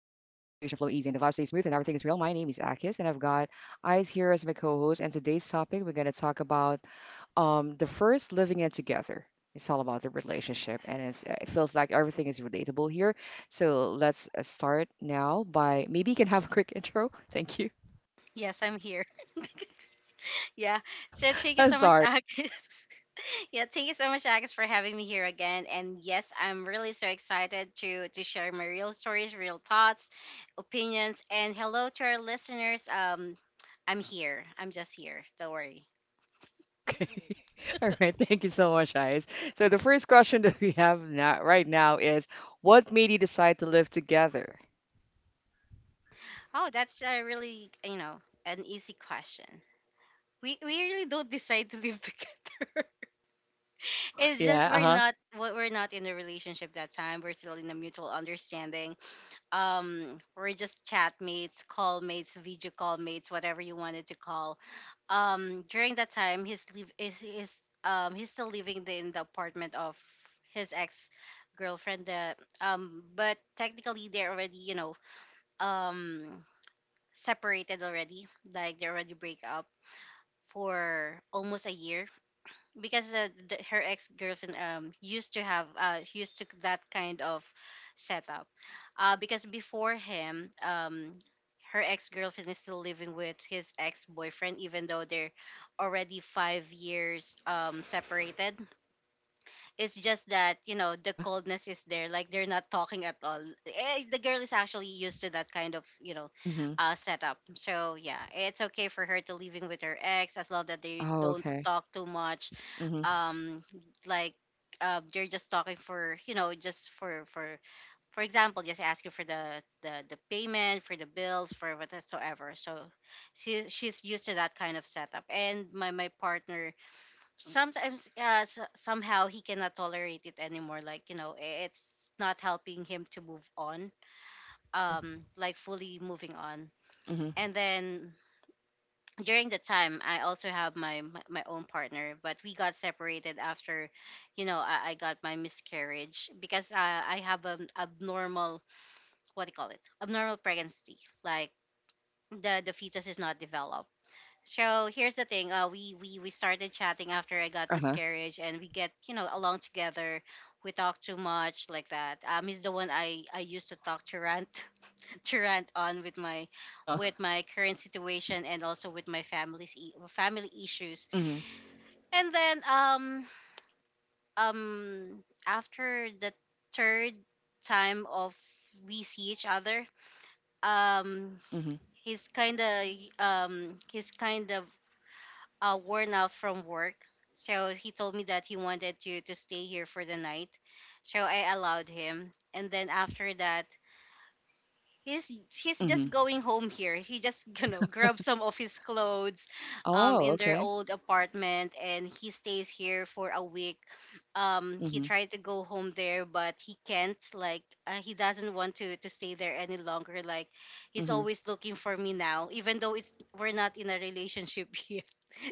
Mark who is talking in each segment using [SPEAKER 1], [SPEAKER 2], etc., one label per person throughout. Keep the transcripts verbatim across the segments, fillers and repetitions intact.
[SPEAKER 1] easy and the vibe stays smooth and everything is real. My name is Akis and I've got Eyes here as my co-host, and today's topic we're gonna talk about um the first living in together. It's all about the relationship, and it's, uh, it feels like everything is relatable here. So let's uh, start now by maybe you can have a quick intro. Thank you.
[SPEAKER 2] Yes, I'm here. Yeah. So thank you
[SPEAKER 1] I'm
[SPEAKER 2] so much,
[SPEAKER 1] sorry.
[SPEAKER 2] Agus. yeah, Thank you so much, Agus, for having me here again. And yes, I'm really so excited to to share my real stories, real thoughts, opinions, and hello to our listeners. Um, I'm here. I'm just here. Don't worry.
[SPEAKER 1] Okay. All right. Thank you so much, Eyes. So the first question that we have now right now is, what made you decide to live together?
[SPEAKER 2] Oh, that's a really you know an easy question. We we really don't decide to live together. It's just
[SPEAKER 1] Yeah,
[SPEAKER 2] we're
[SPEAKER 1] uh-huh,
[SPEAKER 2] not we're not in a relationship that time. We're still in a mutual understanding. Um we're just chat mates, call mates, video call mates, whatever you wanted to call. Um during that time, he's live is is um he's still living the, in the apartment of his ex girlfriend. Uh, um but technically, they're already you know um separated already, like they already break up for almost a year, because uh, the, her ex girlfriend um used to have uh used to that kind of setup, uh because before him, um her ex girlfriend is still living with his ex boyfriend even though they're already five years um separated. It's just that you know the
[SPEAKER 1] uh-huh,
[SPEAKER 2] coldness is there, like they're not talking at all. Eh, the girl is actually used to that kind of you know
[SPEAKER 1] mhm.
[SPEAKER 2] uh setup. So yeah, it's okay for her to living with her ex as long that they
[SPEAKER 1] Oh,
[SPEAKER 2] don't
[SPEAKER 1] okay.
[SPEAKER 2] talk too much.
[SPEAKER 1] Mhm,
[SPEAKER 2] um like uh, you're just talking for, you know just for for for example, just asking for the the, the payment for the bills for whatsoever. So she's she's used to that kind of setup, and my my partner sometimes, uh, s- somehow he cannot tolerate it anymore, like you know i- it's not helping him to move on,
[SPEAKER 1] mhm,
[SPEAKER 2] um like fully moving on.
[SPEAKER 1] mhm,
[SPEAKER 2] And then during the time, I also have my my my own partner, but we got separated after, you know i, I got my miscarriage, because i i have an abnormal, what do you call it, abnormal pregnancy, like the the fetus is not developed. So here's the thing, uh, we, we we started chatting after I got
[SPEAKER 1] uh-huh,
[SPEAKER 2] miscarriage, and we get you know along together. We talk too much like that. Um he's the one i i used to talk to, rant Current on with my,
[SPEAKER 1] uh-huh,
[SPEAKER 2] with my current situation, and also with my family's, e- family issues.
[SPEAKER 1] mhm,
[SPEAKER 2] And then, um um after the third time of we see each other, um
[SPEAKER 1] mhm,
[SPEAKER 2] he's kind of um he's kind of uh, worn out from work. So he told me that he wanted to to stay here for the night. So I allowed him. And then after that, he's he's just
[SPEAKER 1] mhm.
[SPEAKER 2] going home here. He just you know grabs some of his clothes, um,
[SPEAKER 1] Oh,
[SPEAKER 2] in their
[SPEAKER 1] okay.
[SPEAKER 2] old apartment, and he stays here for a week. Um, he
[SPEAKER 1] Mhm,
[SPEAKER 2] tried to go home there, but he can't. Like uh, he doesn't want to to stay there any longer. Like he's
[SPEAKER 1] mhm,
[SPEAKER 2] always looking for me now, even though it's we're not in a relationship yet.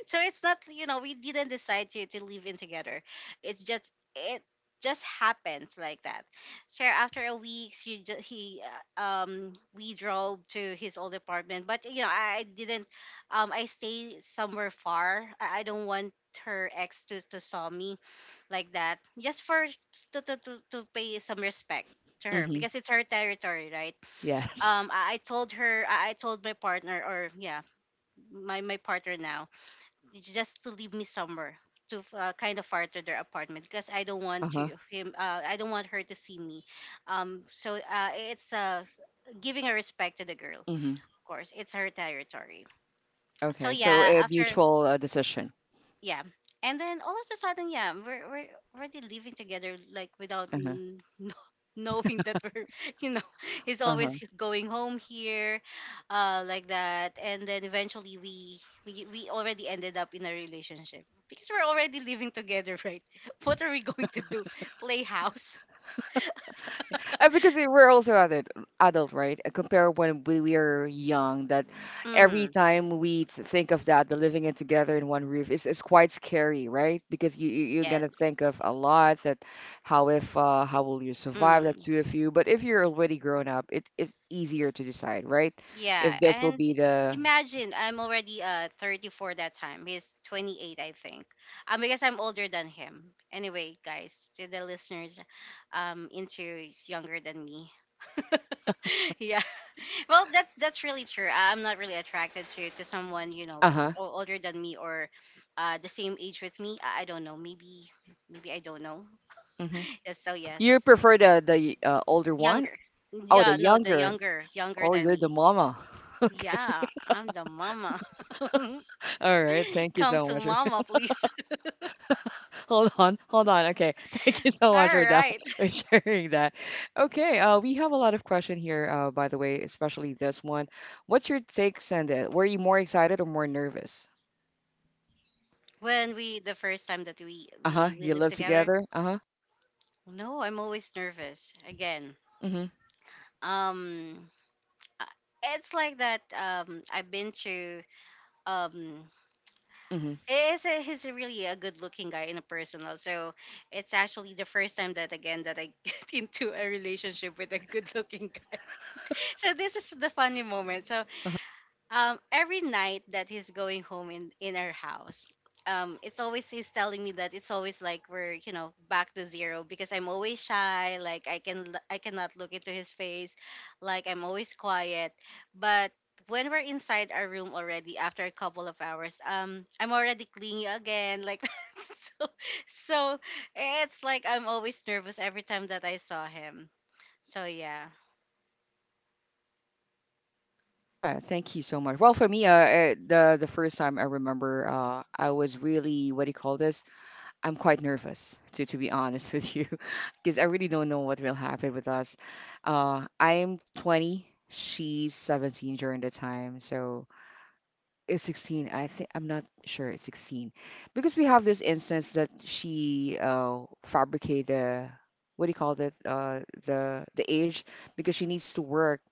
[SPEAKER 2] So it's not, you know we didn't decide to to live in together. It's just it just happens like that. So after a week, she just he uh, um we drove to his old apartment, but you know i, I didn't, um I stay somewhere far. i, I don't want her ex to, to saw me like that, just for to, to, to, to pay some respect to her,
[SPEAKER 1] mhm,
[SPEAKER 2] because it's her territory, right?
[SPEAKER 1] yes,
[SPEAKER 2] um i, I told her, I, I told my partner, or yeah, my my partner now, just to leave me somewhere, to uh, kind of far to their apartment, because I don't want
[SPEAKER 1] uh-huh,
[SPEAKER 2] to him uh, I don't want her to see me. Um, so uh, it's uh, giving a respect to the girl.
[SPEAKER 1] mhm.
[SPEAKER 2] Of course, it's her territory. So
[SPEAKER 1] Okay, so
[SPEAKER 2] yeah,
[SPEAKER 1] a
[SPEAKER 2] after,
[SPEAKER 1] mutual uh, decision.
[SPEAKER 2] yeah, and then all of a sudden, yeah, we're, we're already living together, like without
[SPEAKER 1] Uh-huh,
[SPEAKER 2] n- knowing that we're you know he's
[SPEAKER 1] uh-huh.
[SPEAKER 2] always going home here, uh like that. And then eventually we we, we already ended up in a relationship, because we're already living together, right? What are we going to do, play house?
[SPEAKER 1] Uh, because we- we're also adult, adult, right? Uh, Compare when we were young, that every
[SPEAKER 2] Mm-hmm.
[SPEAKER 1] time we t- think of that, the living it together in one roof is, is quite scary, right? Because you, you you're gonna
[SPEAKER 2] Yes.
[SPEAKER 1] think of a lot that, how if uh, how will you survive, the
[SPEAKER 2] Mm.
[SPEAKER 1] two of you. But if you're already grown up, it is easier to decide, right?
[SPEAKER 2] Yeah,
[SPEAKER 1] If this will
[SPEAKER 2] and
[SPEAKER 1] be the.
[SPEAKER 2] imagine, I'm already uh thirty-four that time. He's twenty-eight, I think. Um, because I'm older than him. Anyway, guys, to the listeners, um, into is younger than me. Yeah. Well, that's that's really true. I- I'm not really attracted to to someone, you know
[SPEAKER 1] Uh-huh.
[SPEAKER 2] o- older than me, or uh, the same age with me. I, I don't know. Maybe, maybe I don't know.
[SPEAKER 1] Hmm.
[SPEAKER 2] Yes, so
[SPEAKER 1] You
[SPEAKER 2] yes,
[SPEAKER 1] prefer the the uh, older one?
[SPEAKER 2] younger.
[SPEAKER 1] Oh, the
[SPEAKER 2] Yeah, no, the
[SPEAKER 1] younger.
[SPEAKER 2] younger, younger
[SPEAKER 1] Oh,
[SPEAKER 2] than
[SPEAKER 1] you're the
[SPEAKER 2] me.
[SPEAKER 1] mama. Okay.
[SPEAKER 2] Yeah, I'm the mama.
[SPEAKER 1] All right. Thank you
[SPEAKER 2] Come
[SPEAKER 1] so
[SPEAKER 2] to
[SPEAKER 1] much.
[SPEAKER 2] mama, please.
[SPEAKER 1] Hold on, hold on. Okay, thank you so
[SPEAKER 2] All
[SPEAKER 1] much for that,
[SPEAKER 2] right.
[SPEAKER 1] for sharing that. Okay, uh, we have a lot of question here, uh, by the way, especially this one. What's your take, Senda? Were you more excited or more nervous?
[SPEAKER 2] When we the first time that we
[SPEAKER 1] Uh-huh.
[SPEAKER 2] we we
[SPEAKER 1] You
[SPEAKER 2] live
[SPEAKER 1] live
[SPEAKER 2] together,
[SPEAKER 1] together? Uh-huh.
[SPEAKER 2] no, I'm always nervous. Again,
[SPEAKER 1] Mm-hmm.
[SPEAKER 2] um, uh, it's like that. Um, I've been to um.
[SPEAKER 1] Mm-hmm.
[SPEAKER 2] It's a, he's a really a good looking guy in a personal. So it's actually the first time that again that I get into a relationship with a good looking guy. So this is the funny moment. So um, every night that he's going home in in our house, um it's always he's telling me that it's always like we're, you know back to zero, because I'm always shy, like i can l- I cannot look into his face, like I'm always quiet. But when we're inside our room already, after a couple of hours, um I'm already clingy again, like that. so so it's like I'm always nervous every time that I saw him, so yeah.
[SPEAKER 1] Yeah, thank you so much. Well, for me, uh, uh, the the first time I remember, uh, I was really, what do you call this? I'm quite nervous to to be honest with you, because I really don't know what will happen with us. Uh, I'm twenty, she's seventeen during the time, so it's sixteen. I think I'm not sure it's sixteen, because we have this instance that she uh fabricated the, what do you call that, uh the the age, because she needs to work.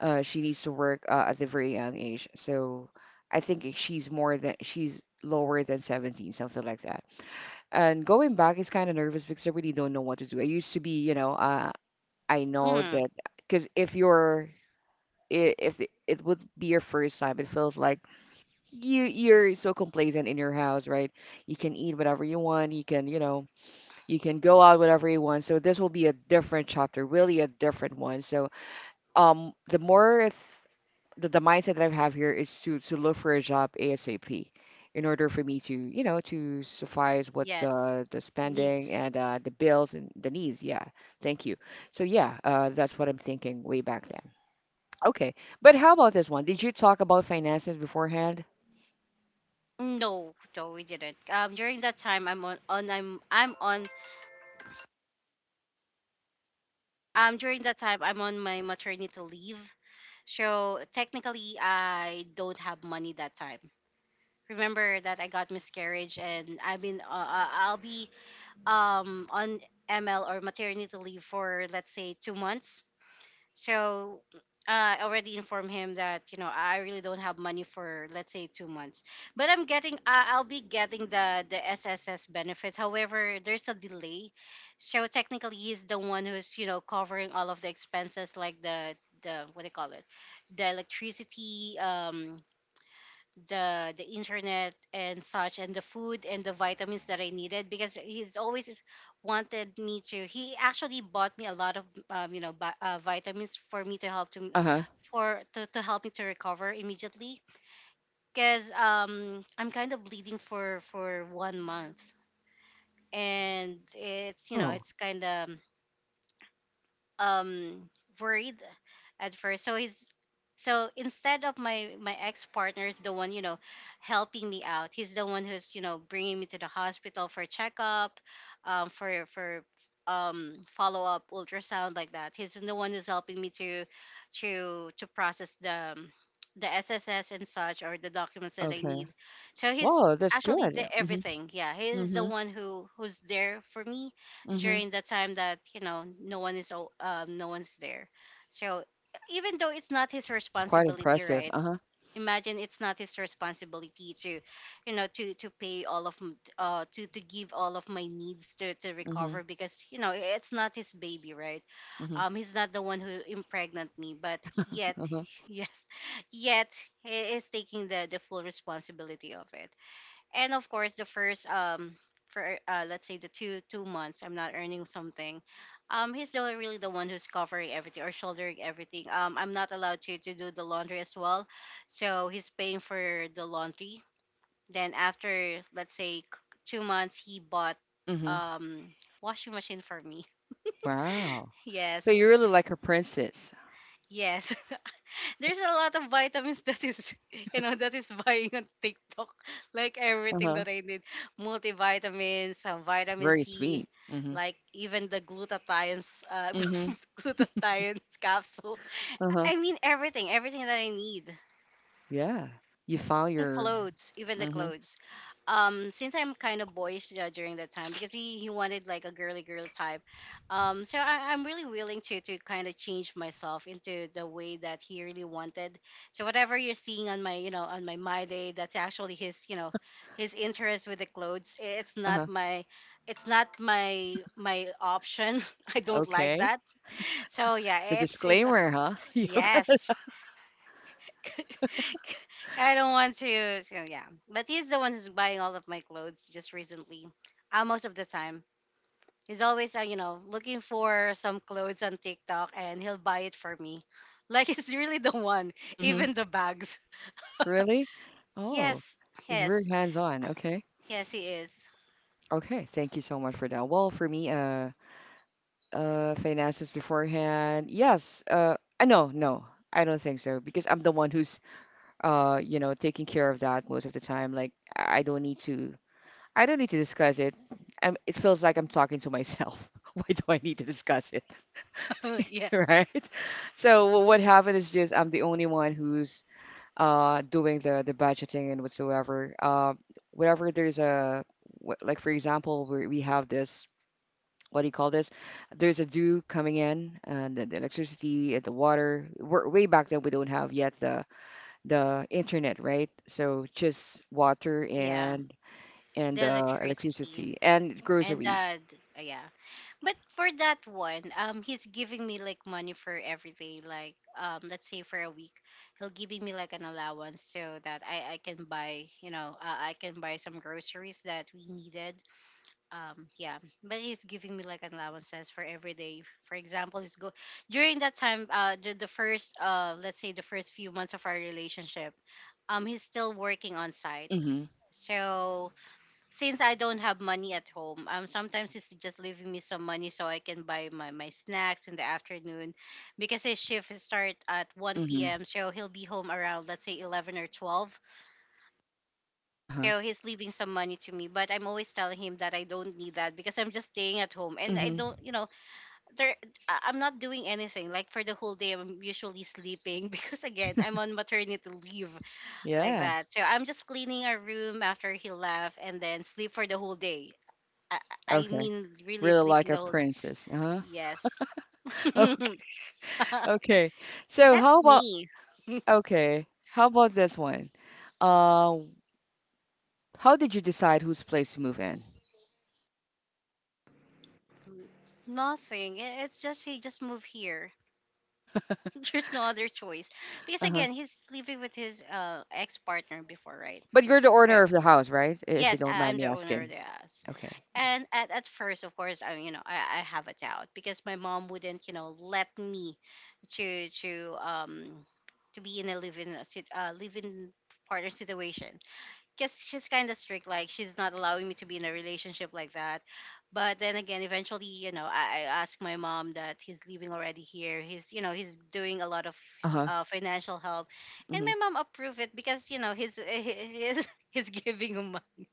[SPEAKER 1] Uh, she needs to work uh, at the very young age, so I think she's more than she's lower than seventeen, something like that. And going back is kind of nervous because I really don't know what to do. I used to be, you know, uh, I know
[SPEAKER 2] Mm.
[SPEAKER 1] that. Because if you're i- if it it would be your first time, it feels like you you're so complacent in your house, right? You can eat whatever you want, you can, you know, you can go out whatever you want. So this will be a different chapter, really a different one. So um, the more the, the mindset that I have here is to to look for a job ASAP, in order for me to, you know, to suffice what,
[SPEAKER 2] Yes.
[SPEAKER 1] uh, the spending
[SPEAKER 2] Needs.
[SPEAKER 1] and, uh, the bills and the needs. Yeah, thank you. So yeah, uh, that's what I'm thinking way back then. Okay, but how about this one? Did you talk about finances beforehand?
[SPEAKER 2] No, no, we didn't. Um, during that time, I'm on, on I'm I'm on um during that time I'm on my maternity leave. So technically, I don't have money that time. Remember that I got miscarriage, and I've been uh, uh, I'll be um on M L or maternity leave for, let's say, two months. So uh, I already informed him that, you know I really don't have money for, let's say, two months, but I'm getting uh, I'll be getting the the S S S benefits. However, there's a delay, so technically he's the one who's, you know covering all of the expenses, like the the what do you call it, the electricity, um, the the internet and such, and the food and the vitamins that I needed, because he's always is- wanted me to he actually bought me a lot of, um, you know bi- uh, vitamins for me to help to,
[SPEAKER 1] Uh-huh.
[SPEAKER 2] for to, to help me to recover immediately, because um I'm kind of bleeding for for one month, and it's, you know
[SPEAKER 1] Oh,
[SPEAKER 2] it's kind of, um worried at first. So he's so Instead of my, my ex partner, is the one, you know helping me out. He's the one who's, you know bringing me to the hospital for checkup, um, for for um follow up ultrasound like that. He's the one who's helping me to to to process the um, the S S S and such, or the documents that I
[SPEAKER 1] okay.
[SPEAKER 2] need. So he's
[SPEAKER 1] Whoa, that's
[SPEAKER 2] actually the
[SPEAKER 1] good. Mhm.
[SPEAKER 2] everything. Yeah, he's the
[SPEAKER 1] Mhm.
[SPEAKER 2] one who who's there for me
[SPEAKER 1] Mhm.
[SPEAKER 2] during the time that, you know no one is o- um no one's there. So even though it's not his
[SPEAKER 1] It's quite
[SPEAKER 2] responsibility,
[SPEAKER 1] impressive.
[SPEAKER 2] right,
[SPEAKER 1] Uh-huh.
[SPEAKER 2] imagine, it's not his responsibility to, you know to to pay all of, m- uh to to give all of my needs to, to
[SPEAKER 1] Mhm.
[SPEAKER 2] recover, because, you know it's not his baby, right?
[SPEAKER 1] Mhm.
[SPEAKER 2] Um he's not the one who impregnant me, but yet
[SPEAKER 1] Uh-huh.
[SPEAKER 2] yes, yet he is taking the the full responsibility of it. And of course, the first, um for uh, let's say, the two two months, I'm not earning something. Um he's the, really the one who's covering everything, or shouldering everything. um I'm not allowed to to do the laundry as well, so he's paying for the laundry. Then after, let's say, c- two months, he bought
[SPEAKER 1] Mhm.
[SPEAKER 2] um washing machine for me.
[SPEAKER 1] Wow. So
[SPEAKER 2] Yes.
[SPEAKER 1] you're really like a princess.
[SPEAKER 2] Yes. There's a lot of vitamins that is you know that is buying on TikTok, like everything
[SPEAKER 1] Uh-huh.
[SPEAKER 2] that I need, multivitamins, some vitamin
[SPEAKER 1] Very
[SPEAKER 2] C,
[SPEAKER 1] sweet. Mhm.
[SPEAKER 2] like even the glutathione, uh,
[SPEAKER 1] Mhm.
[SPEAKER 2] glutathione capsules.
[SPEAKER 1] Uh-huh.
[SPEAKER 2] I mean, everything everything that I need.
[SPEAKER 1] Yeah. You file
[SPEAKER 2] The
[SPEAKER 1] your.
[SPEAKER 2] clothes, even the
[SPEAKER 1] Mhm.
[SPEAKER 2] clothes. Um, since I'm kind of boyish uh, during that time, because he, he wanted like a girly girl type. Um, so I, I'm really willing to to kind of change myself into the way that he really wanted. So whatever you're seeing on my, you know on my my day, that's actually his, you know his interest with the clothes. I- It's not
[SPEAKER 1] Uh-huh.
[SPEAKER 2] my, it's not my my option. I don't like
[SPEAKER 1] Okay.
[SPEAKER 2] that. So
[SPEAKER 1] The
[SPEAKER 2] yeah, it's his uh,
[SPEAKER 1] disclaimer, huh? Yoga.
[SPEAKER 2] yes. I don't want to. So yeah, but he's the one who's buying all of my clothes just recently. Uh, most of the time, he's always uh, you know looking for some clothes on TikTok, and he'll buy it for me. Like he's really the one,
[SPEAKER 1] Mhm.
[SPEAKER 2] even the bags.
[SPEAKER 1] Really? Oh,
[SPEAKER 2] Yes,
[SPEAKER 1] he's very
[SPEAKER 2] yes,
[SPEAKER 1] hands-on. Okay.
[SPEAKER 2] yes, he is.
[SPEAKER 1] Okay. Thank you so much for that. Well, for me, uh, uh, finances beforehand. Yes. Uh, uh, no, no, I don't think so, because I'm the one who's, uh, you know, taking care of that most of the time. Like I I don't need to I don't need to discuss it. Um, it feels like I'm talking to myself. Why do I need to discuss it,
[SPEAKER 2] Yeah,
[SPEAKER 1] right? So what happened is just, I'm the only one who's uh doing the the budgeting and whatsoever. Uh, whenever there's a, wh- like for example, we we have this, what do you call this? There's a due coming in and the, the electricity, and the water. We're, way back then we don't have yet the the internet, right? So just water,
[SPEAKER 2] yeah.
[SPEAKER 1] and and
[SPEAKER 2] The
[SPEAKER 1] uh,
[SPEAKER 2] electricity
[SPEAKER 1] electricity and
[SPEAKER 2] and
[SPEAKER 1] groceries.
[SPEAKER 2] the d- yeah. But for that one, um, he's giving me like money for everything. Like, um, let's say for a week, he'll giving me like an allowance so that I I can buy, you know, uh, I can buy some groceries that we needed. Um, yeah. But he's giving me like an allowances for every day. For example, he's go during that time, uh, the the first, uh, let's say the first few months of our relationship, um, he's still working on site.
[SPEAKER 1] Mhm,
[SPEAKER 2] So since I don't have money at home, um, sometimes it's just leaving me some money so I can buy my, my snacks in the afternoon, because his shift is start at one
[SPEAKER 1] mhm,
[SPEAKER 2] p m. So he'll be home around let's say eleven or twelve.
[SPEAKER 1] uh-huh,
[SPEAKER 2] So he's leaving some money to me, but I'm always telling him that I don't need that because I'm just staying at home and I
[SPEAKER 1] mhm.
[SPEAKER 2] don't, you know, there I- I'm not doing anything. Like for the whole day, I'm usually sleeping because again I'm on maternity leave like
[SPEAKER 1] Yeah,
[SPEAKER 2] that. So I'm just cleaning our room after he left and then sleep for the whole day. I, I
[SPEAKER 1] okay.
[SPEAKER 2] mean, really
[SPEAKER 1] Really like
[SPEAKER 2] sleeping the
[SPEAKER 1] a
[SPEAKER 2] whole day.
[SPEAKER 1] princess, uh-huh.
[SPEAKER 2] Yes.
[SPEAKER 1] Oh,
[SPEAKER 2] That's
[SPEAKER 1] okay. So how about,
[SPEAKER 2] me.
[SPEAKER 1] okay, how about this one? Uh, how did you decide whose place to move in?
[SPEAKER 2] Nothing. I- It's just he just moved here. There's no other choice. Because
[SPEAKER 1] Uh-huh.
[SPEAKER 2] again, he's living with his uh, ex partner before, right?
[SPEAKER 1] But you're the
[SPEAKER 2] Yeah.
[SPEAKER 1] owner of the house, right? If you
[SPEAKER 2] Yes,
[SPEAKER 1] don't
[SPEAKER 2] I-
[SPEAKER 1] mind
[SPEAKER 2] I'm the
[SPEAKER 1] me
[SPEAKER 2] owner of
[SPEAKER 1] asking.
[SPEAKER 2] the house.
[SPEAKER 1] Okay.
[SPEAKER 2] And at, at first, of course, I you know I, I have a doubt because my mom wouldn't you know let me to to um to be in a living uh, sit- uh, living partner situation. Because she's kind of strict, like she's not allowing me to be in a relationship like that. But then again, eventually, you know, i, I asked my mom that he's leaving already here, he's you know, he's doing a lot of
[SPEAKER 1] Uh-huh.
[SPEAKER 2] uh, financial help, and
[SPEAKER 1] Mm-hmm.
[SPEAKER 2] my mom approved it because you know he's he's he's giving him money.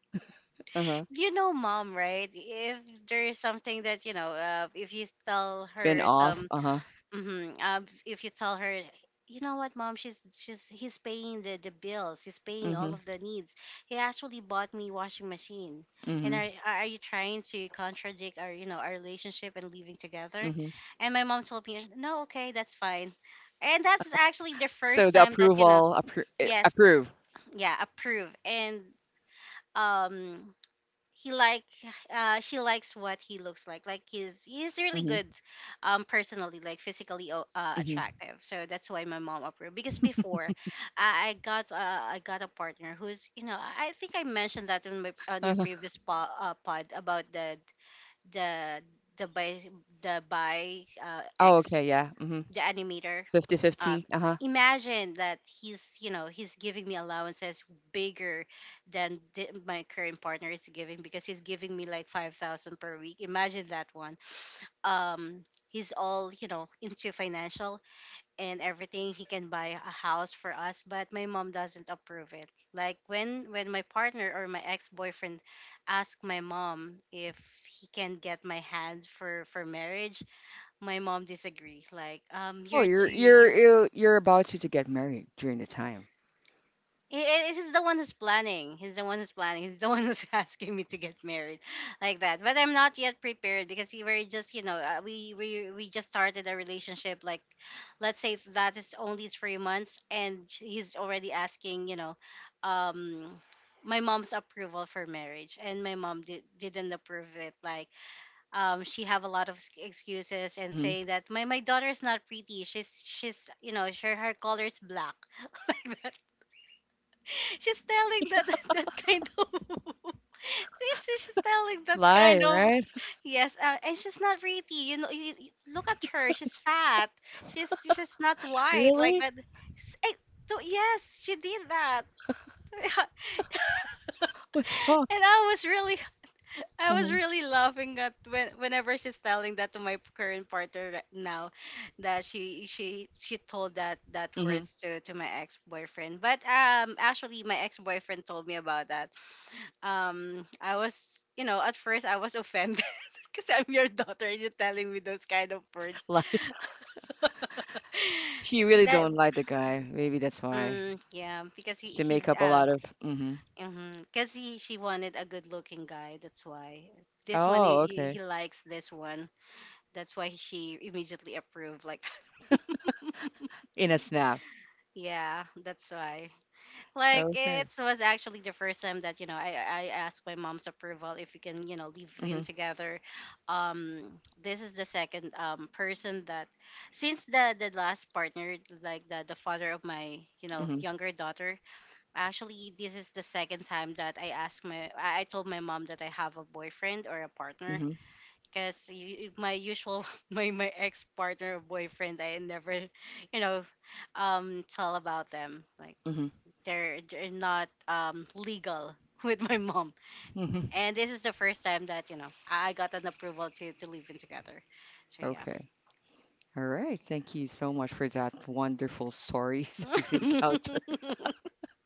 [SPEAKER 1] Uh-huh.
[SPEAKER 2] You know mom, right? If there is something that you know, uh, if you tell
[SPEAKER 1] Been
[SPEAKER 2] her
[SPEAKER 1] off.
[SPEAKER 2] some
[SPEAKER 1] Uh-huh.
[SPEAKER 2] hmm. Uh, if you tell her, you know what, mom, she's she's he's paying the, the bills, he's paying
[SPEAKER 1] Mm-hmm.
[SPEAKER 2] all of the needs. He actually bought me washing machine. And
[SPEAKER 1] Mm-hmm.
[SPEAKER 2] are are you trying to contradict our you know our relationship and living together?
[SPEAKER 1] Mm-hmm.
[SPEAKER 2] And my mom told me, no, okay, that's fine. And that's actually the
[SPEAKER 1] So
[SPEAKER 2] first
[SPEAKER 1] the
[SPEAKER 2] time that you know,
[SPEAKER 1] approval, appro eh,
[SPEAKER 2] yes,
[SPEAKER 1] approve.
[SPEAKER 2] yeah, approve. And um, he like uh she likes what he looks like like he's he's really
[SPEAKER 1] Mm-hmm.
[SPEAKER 2] good um personally, like physically o- uh,
[SPEAKER 1] Mm-hmm.
[SPEAKER 2] attractive. So that's why my mom approved because before i, I got uh, i got a partner who's, you know, i I think I mentioned that on my on your
[SPEAKER 1] Uh-huh.
[SPEAKER 2] previous po- uh, pod about the the the by the by uh,
[SPEAKER 1] Oh,
[SPEAKER 2] ex,
[SPEAKER 1] okay. Yeah. Mm-hmm.
[SPEAKER 2] the animator.
[SPEAKER 1] The
[SPEAKER 2] Um,
[SPEAKER 1] fifty-fifty. Uh-huh.
[SPEAKER 2] imagine that he's you know he's giving me allowances bigger than the, my current partner is giving because he's giving me like five thousand per week, imagine that one. Um, he's all you know into financial and everything, he can buy a house for us. But my mom doesn't approve it like when when my partner or my ex-boyfriend asked my mom if he can get my hand for for marriage, my mom disagree. Like um,
[SPEAKER 1] Oh,
[SPEAKER 2] you're too
[SPEAKER 1] you're you're
[SPEAKER 2] you.
[SPEAKER 1] you're you're about to to get married during the time.
[SPEAKER 2] He is, he's the one who's planning. He's the one who's planning. He's the one who's asking me to get married, like that. But I'm not yet prepared because we were just, you know, uh, we we we just started a relationship. Like, let's say that is only three months, and he's already asking, you know, um, my mom's approval for marriage, and my mom did, didn't approve it. Like, um, she have a lot of ex- excuses and
[SPEAKER 1] Mm-hmm.
[SPEAKER 2] saying that my my daughter is not pretty. She's she's, you know, her her color is black. She's telling that that kind of yes, she's telling that
[SPEAKER 1] Lie,
[SPEAKER 2] kind of.
[SPEAKER 1] right?
[SPEAKER 2] Yes, uh, and she's not pretty. You know, you, you- look at her. She's fat. She's she's not white like
[SPEAKER 1] Really?
[SPEAKER 2] that. S- eh, So yes, she did that, and
[SPEAKER 1] What's wrong?
[SPEAKER 2] I was really, I was
[SPEAKER 1] Mm-hmm.
[SPEAKER 2] really laughing at when whenever she's telling that to my current partner right now, that she she she told that that
[SPEAKER 1] Mm-hmm.
[SPEAKER 2] words to to my ex boyfriend. But um, actually, my ex boyfriend told me about that. Um, I was you know at first I was offended because I'm your daughter and you're telling me those kind of
[SPEAKER 1] Yes,
[SPEAKER 2] words.
[SPEAKER 1] lies. She really
[SPEAKER 2] That
[SPEAKER 1] don't like the guy. Maybe that's why.
[SPEAKER 2] mm, yeah, because he,
[SPEAKER 1] She make
[SPEAKER 2] he's
[SPEAKER 1] up a
[SPEAKER 2] uh,
[SPEAKER 1] lot of. Mm hmm
[SPEAKER 2] because he she wanted a good looking guy, that's why. This one, he,
[SPEAKER 1] Oh,
[SPEAKER 2] he,
[SPEAKER 1] okay.
[SPEAKER 2] he likes this one, that's why she immediately approved, like
[SPEAKER 1] In a snap.
[SPEAKER 2] yeah, that's why. Like
[SPEAKER 1] Okay.
[SPEAKER 2] it was actually the first time that you know I I asked my mom's approval if we can you know live in
[SPEAKER 1] Mm-hmm.
[SPEAKER 2] together. Um, this is the second um person that since the the last partner, like the the father of my you know
[SPEAKER 1] Mm-hmm.
[SPEAKER 2] younger daughter. Actually, this is the second time that I asked my I I told my mom that I have a boyfriend or a partner,
[SPEAKER 1] Mm-hmm.
[SPEAKER 2] because my usual my my ex partner or boyfriend, I never you know um tell about them. Like,
[SPEAKER 1] Mm-hmm.
[SPEAKER 2] they're they're not um legal with my mom.
[SPEAKER 1] Mm-hmm.
[SPEAKER 2] And this is the first time that you know I I got an approval to to live in together. So yeah.
[SPEAKER 1] Okay. All right. Thank you so much for that wonderful stories that you've encountered.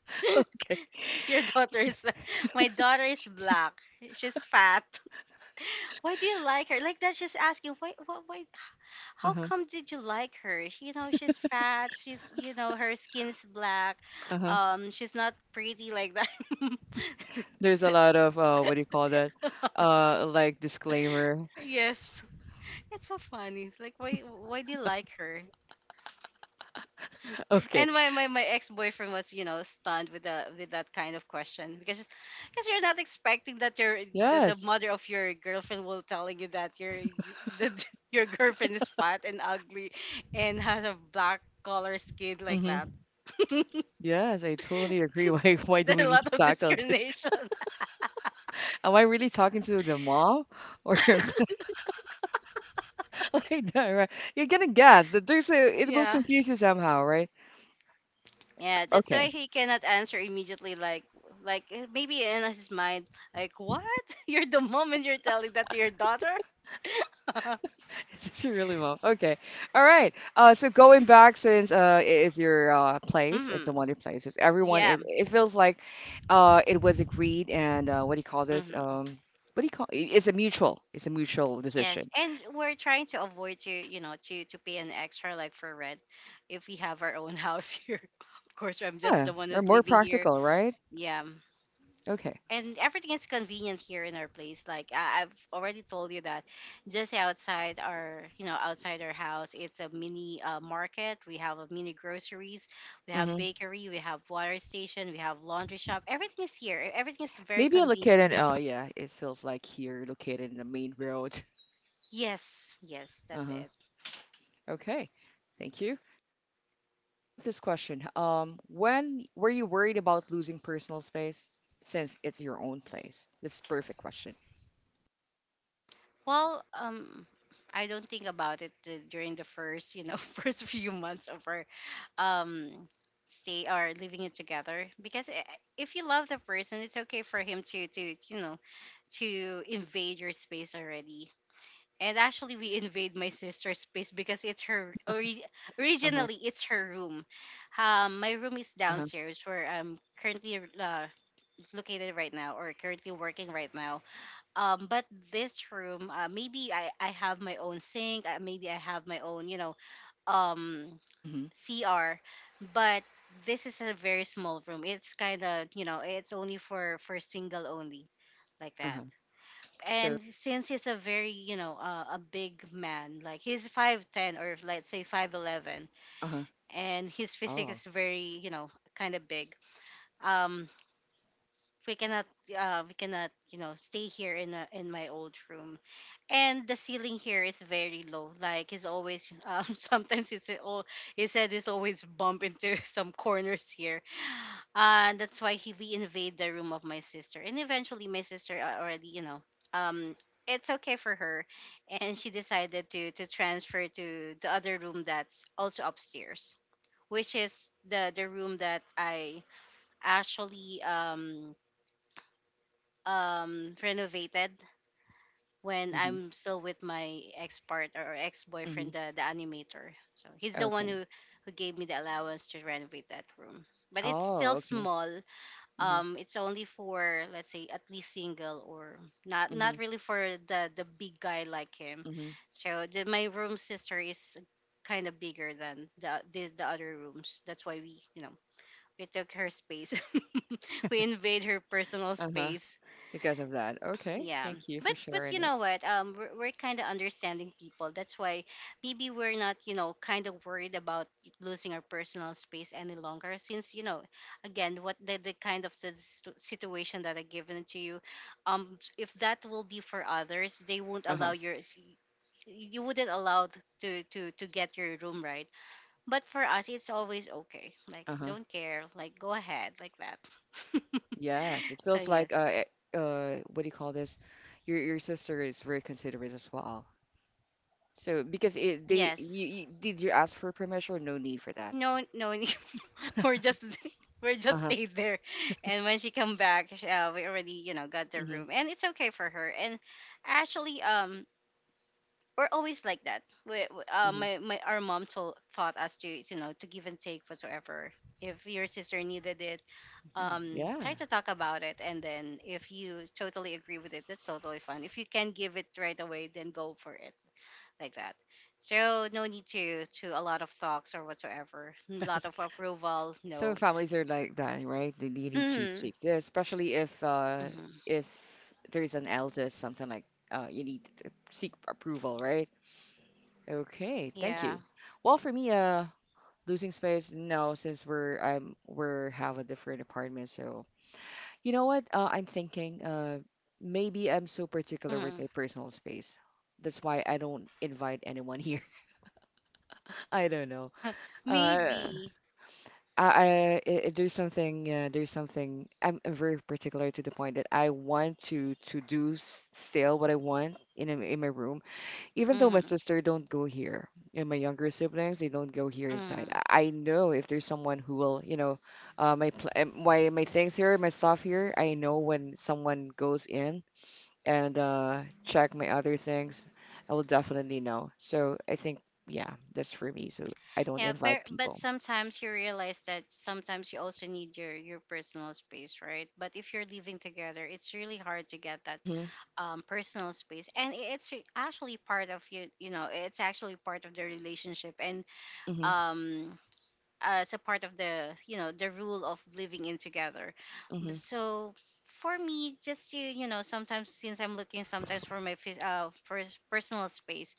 [SPEAKER 1] Okay.
[SPEAKER 2] Your
[SPEAKER 1] S-.
[SPEAKER 2] daughter's my daughter is black. She's fat. Why do you like her? Like that's just asking, why why why how
[SPEAKER 1] Uh-huh.
[SPEAKER 2] come did you like her? She- You know, she's fat. She's, you know, her skin's black.
[SPEAKER 1] Uh-huh.
[SPEAKER 2] Um, she's not pretty like that.
[SPEAKER 1] There's a lot of, uh, what do you call that? Uh, like disclaimer.
[SPEAKER 2] Yes. It's so funny. It's like, why why do you like her?
[SPEAKER 1] Okay.
[SPEAKER 2] And my, my, my ex boyfriend was, you know, stunned with the with that kind of question because because you're not expecting that your, that the
[SPEAKER 1] Yes.
[SPEAKER 2] mother of your girlfriend will telling you that your y- that your girlfriend is fat and ugly and has a black color skin like
[SPEAKER 1] Hmm.
[SPEAKER 2] that.
[SPEAKER 1] Yes, I totally agree. Why why do
[SPEAKER 2] There's
[SPEAKER 1] we
[SPEAKER 2] a
[SPEAKER 1] need to
[SPEAKER 2] lot of
[SPEAKER 1] tackle this?
[SPEAKER 2] discrimination.
[SPEAKER 1] Am I really talking to the mom or like that, right? You're gonna guess that there's a it will
[SPEAKER 2] Yeah.
[SPEAKER 1] confuse you somehow, right?
[SPEAKER 2] Yeah, that's
[SPEAKER 1] Okay.
[SPEAKER 2] why he cannot answer immediately, like like eh, maybe in his mind, like what? You're the mom and you're telling that to your daughter?
[SPEAKER 1] This is really well. Okay. All right. Uh, so going back, since uh, it is your uh, place, it's the
[SPEAKER 2] Hmm.
[SPEAKER 1] one your place. It's everyone
[SPEAKER 2] Yeah.
[SPEAKER 1] is. It feels like uh, it was agreed, and uh, what do you call this?
[SPEAKER 2] Hmm.
[SPEAKER 1] Um, what do you call? i- It's a mutual. It's a mutual
[SPEAKER 2] Yes,
[SPEAKER 1] decision.
[SPEAKER 2] and we're trying to avoid to you know to to pay an extra like for rent if we have our own house here. Of course, I'm just
[SPEAKER 1] Yeah,
[SPEAKER 2] the one
[SPEAKER 1] or
[SPEAKER 2] who's
[SPEAKER 1] more
[SPEAKER 2] living here.
[SPEAKER 1] practical, right?
[SPEAKER 2] Yeah,
[SPEAKER 1] Okay.
[SPEAKER 2] and everything is convenient here in our place. Like I, I've already told you that just outside our you know outside our house, it's a mini uh, market. We have a mini groceries. We have
[SPEAKER 1] Mm-hmm.
[SPEAKER 2] bakery. We have water station. We have laundry shop. Everything is here. Everything is very
[SPEAKER 1] Maybe
[SPEAKER 2] convenient.
[SPEAKER 1] located. Oh yeah, it feels like here located in the main road.
[SPEAKER 2] Yes, yes, that's
[SPEAKER 1] Uh-huh.
[SPEAKER 2] it.
[SPEAKER 1] Okay. Thank you. About this question? Um, when were you worried about losing personal space, since it's your own place? This is perfect question.
[SPEAKER 2] Well, um, I don't think about it uh, during the first, you know, first few months of our um
[SPEAKER 1] Uh-huh,
[SPEAKER 2] stay or living it together, because i- if you love the person, it's okay for him to to you know to invade your space already. And actually, we invade my sister's space because it's her ori-
[SPEAKER 1] uh-huh,
[SPEAKER 2] originally it's her room. Um, my room is
[SPEAKER 1] uh-huh,
[SPEAKER 2] downstairs where I'm currently uh, located right now or currently working right now. Um, but this room uh, maybe i I have my own sink, uh, maybe I have my own you know um
[SPEAKER 1] mm-hmm,
[SPEAKER 2] cr, but this is a very small room, it's kind of you know it's only for for single only, like that.
[SPEAKER 1] uh-huh. So,
[SPEAKER 2] And since he's a very you know uh, a big man, like he's five ten or let's say five eleven,
[SPEAKER 1] uh-huh,
[SPEAKER 2] and his physique
[SPEAKER 1] oh,
[SPEAKER 2] is very you know kind of big. Um, we cannot uh we cannot you know stay here in a, in my old room, and the ceiling here is very low, like he's always um sometimes it's all, he said he's always bump into some corners here. Uh, and that's why he we invade the room of my sister, and eventually my sister a- already you know um it's okay for her, and she decided to to transfer to the other room that's also upstairs, which is the the room that I actually um um renovated when
[SPEAKER 1] mm-hmm,
[SPEAKER 2] I'm still with my ex partner or ex
[SPEAKER 1] mm-hmm,
[SPEAKER 2] boyfriend, the, the animator. So he's the one
[SPEAKER 1] okay.
[SPEAKER 2] who, who gave me the allowance to renovate that room. But it's
[SPEAKER 1] Oh,
[SPEAKER 2] still
[SPEAKER 1] okay.
[SPEAKER 2] small.
[SPEAKER 1] Mm-hmm,
[SPEAKER 2] Um, it's only for let's say at least single, or not
[SPEAKER 1] mm-hmm,
[SPEAKER 2] not really for the the big guy like him.
[SPEAKER 1] mm-hmm,
[SPEAKER 2] So the, my room sister is kind of bigger than the this, the other rooms. That's why we you know we took her space. we invade her personal
[SPEAKER 1] uh-huh.
[SPEAKER 2] space.
[SPEAKER 1] Because of that. Okay,
[SPEAKER 2] Yeah,
[SPEAKER 1] thank you
[SPEAKER 2] but
[SPEAKER 1] for
[SPEAKER 2] but
[SPEAKER 1] sharing
[SPEAKER 2] you
[SPEAKER 1] it.
[SPEAKER 2] know what? Um, we're, we're kind of understanding people. That's why maybe we're not, you know, kind of worried about losing our personal space any longer. Since you know, again, what the, the kind of the situ- situation that I given to you, um, if that will be for others, they won't allow
[SPEAKER 1] Uh-huh,
[SPEAKER 2] your you wouldn't allow th- to to to get your room, right? But for us, it's always okay. Like
[SPEAKER 1] uh-huh.
[SPEAKER 2] don't care. Like go ahead like that.
[SPEAKER 1] Yes, it
[SPEAKER 2] so
[SPEAKER 1] feels like,
[SPEAKER 2] yes,
[SPEAKER 1] uh, eh, uh, what do you call this? Your, your sister is very considerate as well. So, because it, they,
[SPEAKER 2] yes.
[SPEAKER 1] you, you, did you ask for permission, or no need for that?
[SPEAKER 2] No, no, we're just we're just
[SPEAKER 1] Uh-huh.
[SPEAKER 2] stayed there, and when she come back, sh- uh, we already you know got the
[SPEAKER 1] Hmm.
[SPEAKER 2] room, and it's okay for her. And actually, um, we're always like that. We, we- uh,
[SPEAKER 1] Hmm.
[SPEAKER 2] my, my our mom told taught us to you know to give and take whatsoever. If your sister needed it,
[SPEAKER 1] Hmm.
[SPEAKER 2] um,
[SPEAKER 1] Yeah.
[SPEAKER 2] try to talk about it, and then if you totally agree with it, that's totally fine. If you can give it right away, then go for it like that. So no need to to a lot of talks or whatsoever. A lot
[SPEAKER 1] Yes.
[SPEAKER 2] of approval,
[SPEAKER 1] Some
[SPEAKER 2] no.
[SPEAKER 1] families are like that, right? They, they need to
[SPEAKER 2] Mm.
[SPEAKER 1] seek this, especially if uh
[SPEAKER 2] Hmm.
[SPEAKER 1] if there's an eldest, something like, uh you need to seek approval, right? Okay, thank
[SPEAKER 2] Yeah.
[SPEAKER 1] you. Well, for me, uh, losing space, no, since we're I'm we're have a different apartment, so, you know what? Uh, I'm thinking, uh, maybe I'm so particular with
[SPEAKER 2] Mm.
[SPEAKER 1] my personal space. That's why I don't invite anyone here. I don't know. Uh,
[SPEAKER 2] Maybe.
[SPEAKER 1] I, I i- there's something, uh, there's something I'm, I'm very particular to the point that I want to to do, s- still what I want in a- in my room, even though my
[SPEAKER 2] Mm.
[SPEAKER 1] sister don't go here, and my younger siblings, they don't go here inside. I,
[SPEAKER 2] Mm.
[SPEAKER 1] I know if there's someone who will, you know uh, my pl- uh, my my things here, my stuff here. I know when someone goes in and, uh, check my other things, I will definitely know. So I think, yeah, that's for me, so I don't
[SPEAKER 2] Yeah, but,
[SPEAKER 1] invite
[SPEAKER 2] but
[SPEAKER 1] people.
[SPEAKER 2] sometimes you realize that sometimes you also need your your personal space, right? But if you're living together, it's really hard to get that
[SPEAKER 1] Hmm.
[SPEAKER 2] um personal space, and i- it's actually part of you. You know, it's actually part of the relationship, and
[SPEAKER 1] Hmm.
[SPEAKER 2] um as a part of the you know the rule of living in together. But
[SPEAKER 1] Hmm.
[SPEAKER 2] so for me, just you you know, sometimes, since I'm looking sometimes for my phys- uh, pers- personal space,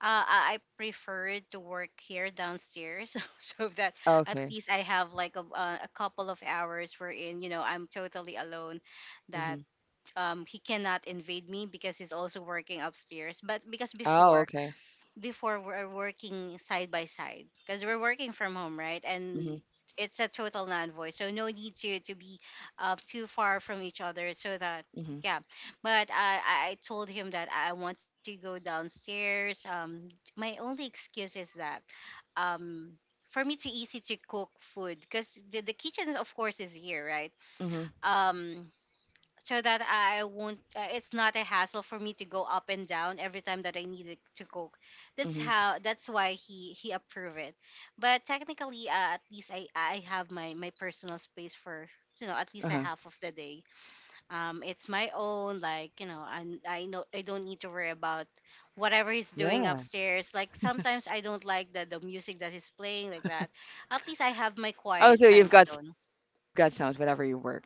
[SPEAKER 2] uh, i I prefer to work here downstairs, so that at
[SPEAKER 1] Okay.
[SPEAKER 2] least I have like a, uh, a couple of hours wherein you know I'm totally alone. That,
[SPEAKER 1] Mhm.
[SPEAKER 2] um, he cannot invade me because he's also working upstairs. But because
[SPEAKER 1] Oh,
[SPEAKER 2] before
[SPEAKER 1] okay.
[SPEAKER 2] before we're working side by side, because we're working from home, right? And
[SPEAKER 1] Mhm.
[SPEAKER 2] it's a total non-voice, so no need to to be uh, too far from each other, so that
[SPEAKER 1] Mhm.
[SPEAKER 2] yeah. But I I I told him that I want to go downstairs. Um, my only excuse is that um for me too easy to cook food, because the, the kitchen of course is here, right?
[SPEAKER 1] Mhm.
[SPEAKER 2] Um, so that I won't. Uh, it's not a hassle for me to go up and down every time that I needed to cook. That's
[SPEAKER 1] Mhm.
[SPEAKER 2] how. That's why he he approved it. But technically, uh, at least I I have my my personal space for you know at least a
[SPEAKER 1] Uh-huh.
[SPEAKER 2] half of the day. Um, it's my own. Like you know, I I know I don't need to worry about whatever he's doing
[SPEAKER 1] Yeah.
[SPEAKER 2] upstairs. Like sometimes I don't like the the music that he's playing like that. At least I have my
[SPEAKER 1] Oh,
[SPEAKER 2] quiet
[SPEAKER 1] so you've
[SPEAKER 2] time
[SPEAKER 1] got s-,
[SPEAKER 2] alone.
[SPEAKER 1] you've got sounds whenever you work.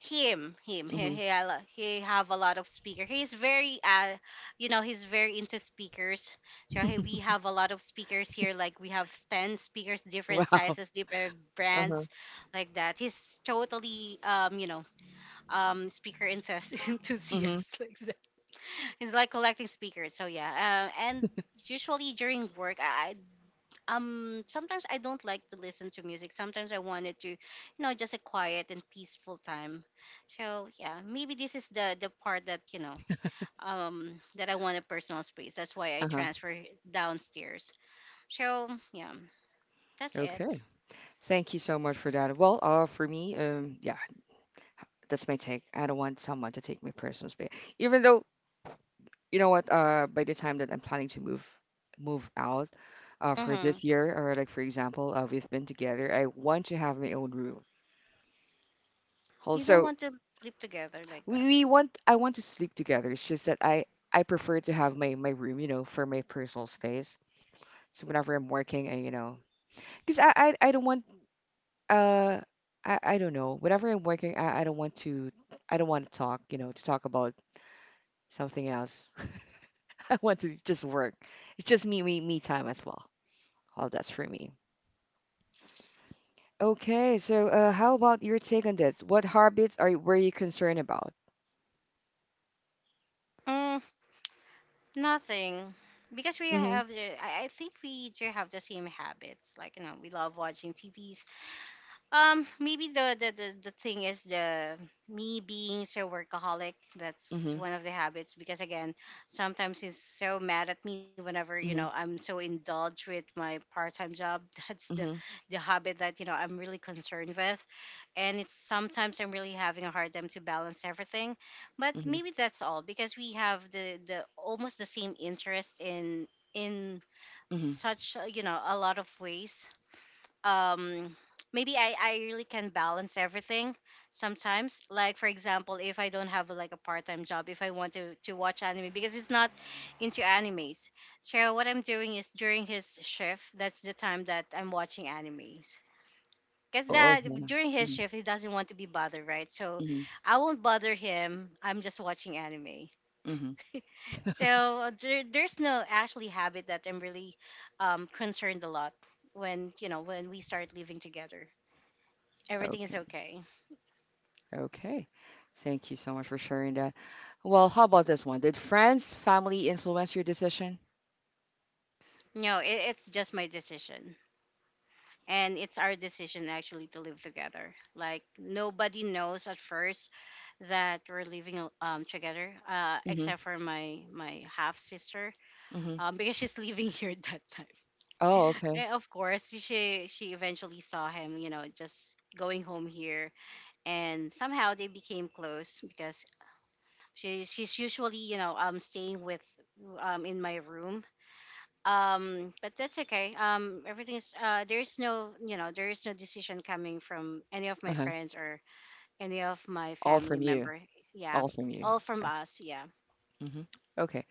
[SPEAKER 2] him him he
[SPEAKER 1] Mhm.
[SPEAKER 2] he, a lo- he have a lot of speaker. He's very uh you know he's very into speakers, so he, we have a lot of speakers here. Like we have ten speakers,
[SPEAKER 1] Wow.
[SPEAKER 2] different sizes, different
[SPEAKER 1] Uh-huh.
[SPEAKER 2] brands, like that. He's totally um you know um speaker enthusi-
[SPEAKER 1] Mhm.
[SPEAKER 2] enthusiast like that. He's like collecting speakers. So yeah, uh, and usually during work, I, I um sometimes I don't like to listen to music. Sometimes I wanted to, you know, just a quiet and peaceful time. So yeah, maybe this is the the part that you know um that I want a personal space. That's why I
[SPEAKER 1] Uh-huh.
[SPEAKER 2] transfer downstairs. So yeah, that's it.
[SPEAKER 1] Okay. Thank you so much for that. Well, uh, for me, um, yeah, that's my take. I don't want someone to take my personal space. Even though, you know what, uh, by the time that I'm planning to move move out, uh, for
[SPEAKER 2] Mm-hmm.
[SPEAKER 1] this year, or like for example, uh, we've been together. I want to have my own room.
[SPEAKER 2] You don't
[SPEAKER 1] Also,
[SPEAKER 2] want to sleep together like
[SPEAKER 1] we,
[SPEAKER 2] that.
[SPEAKER 1] we want I want to sleep together. It's just that I I prefer to have my my room, you know, for my personal space. So whenever I'm working, I, you know, because I, I I don't want, uh I I don't know. Whenever I'm working, I I don't want to, I don't want to talk, you know, to talk about something else. I want to just work. It's just me me me time as well. All that's for me. Okay, so uh, how about your take on this? What habits are you-, were you concerned about?
[SPEAKER 2] Mm, nothing. Because we
[SPEAKER 1] Mm-hmm.
[SPEAKER 2] have, the- I I think we do have the same habits. Like, you know, we love watching T V. Um, maybe the, the the the thing is the me being so workaholic. That's
[SPEAKER 1] Mm-hmm.
[SPEAKER 2] one of the habits, because again, sometimes he's so mad at me whenever you know
[SPEAKER 1] Mm-hmm.
[SPEAKER 2] I'm so indulged with my part-time job. That's the
[SPEAKER 1] Mm-hmm.
[SPEAKER 2] the habit that you know I'm really concerned with, and it's sometimes I'm really having a hard time to balance everything. But
[SPEAKER 1] Mm-hmm.
[SPEAKER 2] maybe that's all because we have the the almost the same interest in in
[SPEAKER 1] Mm-hmm.
[SPEAKER 2] such uh, you know, a lot of ways. Um, maybe I I really can balance everything sometimes. Like for example, if I don't have like a part-time job, if I want to to watch anime, because it's not into animes, so what I'm doing is during his shift, that's the time that I'm watching animes. Because
[SPEAKER 1] Oh,
[SPEAKER 2] that during his
[SPEAKER 1] okay.
[SPEAKER 2] shift he doesn't want to be bothered, right? So
[SPEAKER 1] Mhm,
[SPEAKER 2] I won't bother him, I'm just watching anime.
[SPEAKER 1] mhm.
[SPEAKER 2] so there, there's no actually habit that I'm really um, concerned a lot when you know when we start living together. Everything is
[SPEAKER 1] Okay.
[SPEAKER 2] okay.
[SPEAKER 1] Okay. Thank you so much for sharing that. Well, how about this one? Did friends, family influence your decision?
[SPEAKER 2] No, it, it's just my decision, and it's our decision actually to live together. Like nobody knows at first that we're living al- um, together, uh,
[SPEAKER 1] Mm-hmm.
[SPEAKER 2] except for my my half sister,
[SPEAKER 1] Mm-hmm.
[SPEAKER 2] um, because she's living here at that time.
[SPEAKER 1] Oh, okay.
[SPEAKER 2] And of course, she she eventually saw him, you know, just going home here, and somehow they became close because she she's usually you know um staying with um in my room. Um, but that's okay. Um, everything is uh there's no you know there is no decision coming from any of my
[SPEAKER 1] Uh-huh.
[SPEAKER 2] friends or any of my
[SPEAKER 1] All
[SPEAKER 2] family
[SPEAKER 1] from you.
[SPEAKER 2] member. Yeah,
[SPEAKER 1] All from you.
[SPEAKER 2] all from us, yeah.
[SPEAKER 1] Mm-hmm. Okay.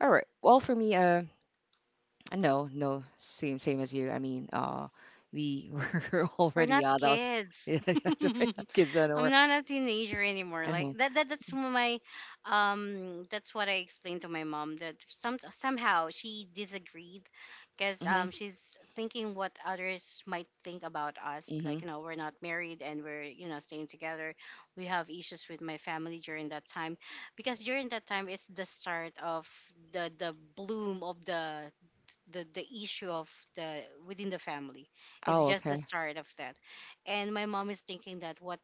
[SPEAKER 1] All right. Well, for me, uh, no, no, same, same as you. I mean, uh, we were
[SPEAKER 2] We're
[SPEAKER 1] already
[SPEAKER 2] not
[SPEAKER 1] adults.
[SPEAKER 2] kids.
[SPEAKER 1] Yeah, that's right. Kids
[SPEAKER 2] I'm
[SPEAKER 1] anymore.
[SPEAKER 2] not a teenager anymore.
[SPEAKER 1] Uh-huh.
[SPEAKER 2] Like that, that that's my um that's what I explained to my mom, that some somehow she disagreed because
[SPEAKER 1] Mm-hmm.
[SPEAKER 2] um she's thinking what others might think about us.
[SPEAKER 1] Mm-hmm.
[SPEAKER 2] Like, you know, we're not married, and we're, you know, staying together. We have issues with my family during that time. Because during that time it's the start of the the bloom of the the the issue of the within the family. It's
[SPEAKER 1] Oh,
[SPEAKER 2] just the
[SPEAKER 1] okay.
[SPEAKER 2] start of that. And my mom is thinking that what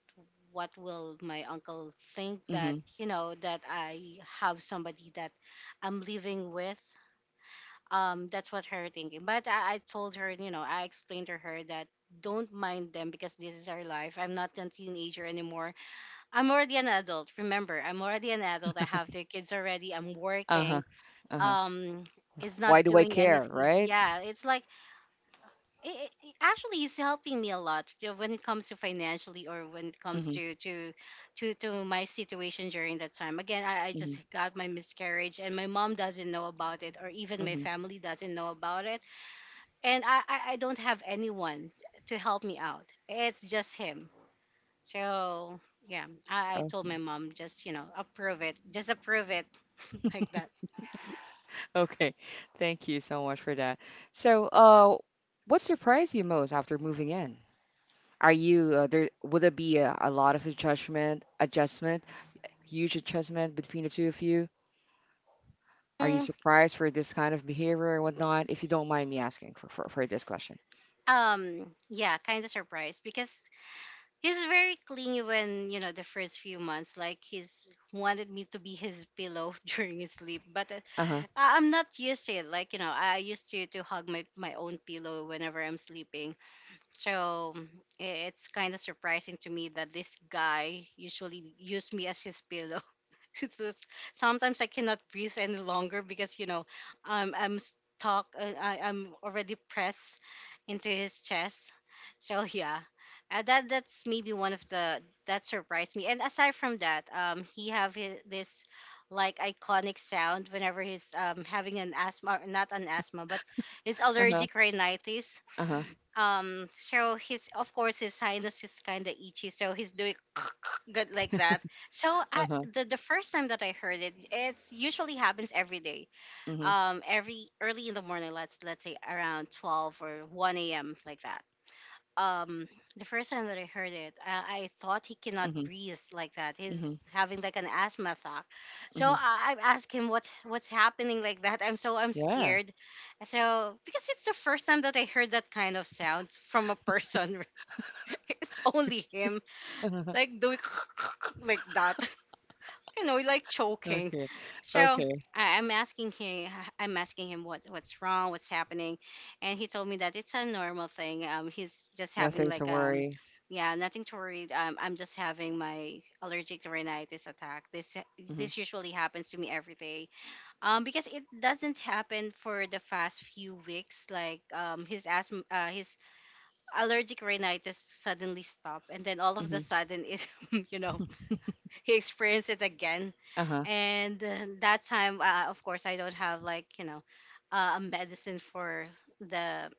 [SPEAKER 2] what will my uncle think, that
[SPEAKER 1] Mm-hmm.
[SPEAKER 2] you know that I have somebody that I'm living with, um, that's what her thinking. But i, I told her, you know, I explained to her, that don't mind them, because this is our life. I'm not a teenager anymore, I'm already an adult. Remember, I'm already an adult, I have three kids already, I'm
[SPEAKER 1] Uh-huh.
[SPEAKER 2] working,
[SPEAKER 1] Uh-huh.
[SPEAKER 2] um, it's
[SPEAKER 1] Why
[SPEAKER 2] not
[SPEAKER 1] do I
[SPEAKER 2] doing
[SPEAKER 1] care,
[SPEAKER 2] anything.
[SPEAKER 1] right?
[SPEAKER 2] Yeah, it's like it, it actually is helping me a lot to- when it comes to financially, or when it comes to to to, to my situation. During that time, again, I, I just
[SPEAKER 1] Mm-hmm.
[SPEAKER 2] got my miscarriage and my mom doesn't know about it, or even my
[SPEAKER 1] hmm
[SPEAKER 2] family doesn't know about it. And i i, I don't have anyone to help me out, it's just him. So yeah, I, I told my
[SPEAKER 1] Okay.
[SPEAKER 2] mom, just you know, approve it, just approve it. like that.
[SPEAKER 1] Okay. Thank you so much for that. So, uh, what surprised you most after moving in? Are you uh, there? Would it be a, a lot of adjustment, adjustment, huge adjustment between the two of you? Are you
[SPEAKER 2] Mm,
[SPEAKER 1] surprised for this kind of behavior and whatnot? If you don't mind me asking for for, for this question.
[SPEAKER 2] um, yeah, kind of surprised, because he's very clingy when, you know, the first few months, like he's wanted me to be his pillow during his sleep. But uh,
[SPEAKER 1] Uh-huh.
[SPEAKER 2] I- I'm not used to it. Like, you know, I used to, to hug my, my own pillow whenever I'm sleeping. So i- it's kind of surprising to me that this guy usually used me as his pillow. It's just, sometimes I cannot breathe any longer because you know um, I'm stuck. Uh, I, I'm already pressed into his chest. So yeah, uh, that that's maybe one of the that surprised me. And aside from that, um, he have his, this like iconic sound whenever he's um having an asthma, or not an asthma, but his
[SPEAKER 1] Uh-huh.
[SPEAKER 2] allergic rhinitis.
[SPEAKER 1] Uh-huh.
[SPEAKER 2] Um, so his of course his sinus is kind of itchy, so he's doing good like that. So I
[SPEAKER 1] Uh-huh.
[SPEAKER 2] the, the first time that I heard it, it usually happens every day.
[SPEAKER 1] Mm-hmm.
[SPEAKER 2] Um, every early in the morning, let's let's say around twelve or one a.m like that. Um, the first time that I heard it, I, I thought he cannot
[SPEAKER 1] Mm-hmm.
[SPEAKER 2] breathe like that.
[SPEAKER 1] Mm-hmm.
[SPEAKER 2] He's having like an asthma attack. So
[SPEAKER 1] Mm-hmm.
[SPEAKER 2] I, I asked him what what's happening like that. I'm so I'm
[SPEAKER 1] Yeah.
[SPEAKER 2] scared. So because it's the first time that I heard that kind of sound from a person. It's only him. Like doing like that, you know, like choking.
[SPEAKER 1] Okay.
[SPEAKER 2] So
[SPEAKER 1] Okay.
[SPEAKER 2] I, I'm asking him, I'm asking him what what's wrong, what's happening, and he told me that it's a normal thing. Um, he's just having
[SPEAKER 1] Nothing to
[SPEAKER 2] like um,
[SPEAKER 1] worry.
[SPEAKER 2] yeah, nothing to worry. Um, I'm just having my allergic rhinitis attack. This
[SPEAKER 1] Mm-hmm.
[SPEAKER 2] this usually happens to me every day. Um, because it doesn't happen for the past few weeks. Like um, his asthma, uh, his allergic rhinitis suddenly stopped, and then all of the
[SPEAKER 1] Mm-hmm.
[SPEAKER 2] sudden it, you know, he experienced it again.
[SPEAKER 1] Uh-huh.
[SPEAKER 2] And uh, that time, uh, of course, I don't have like you know uh, a medicine for the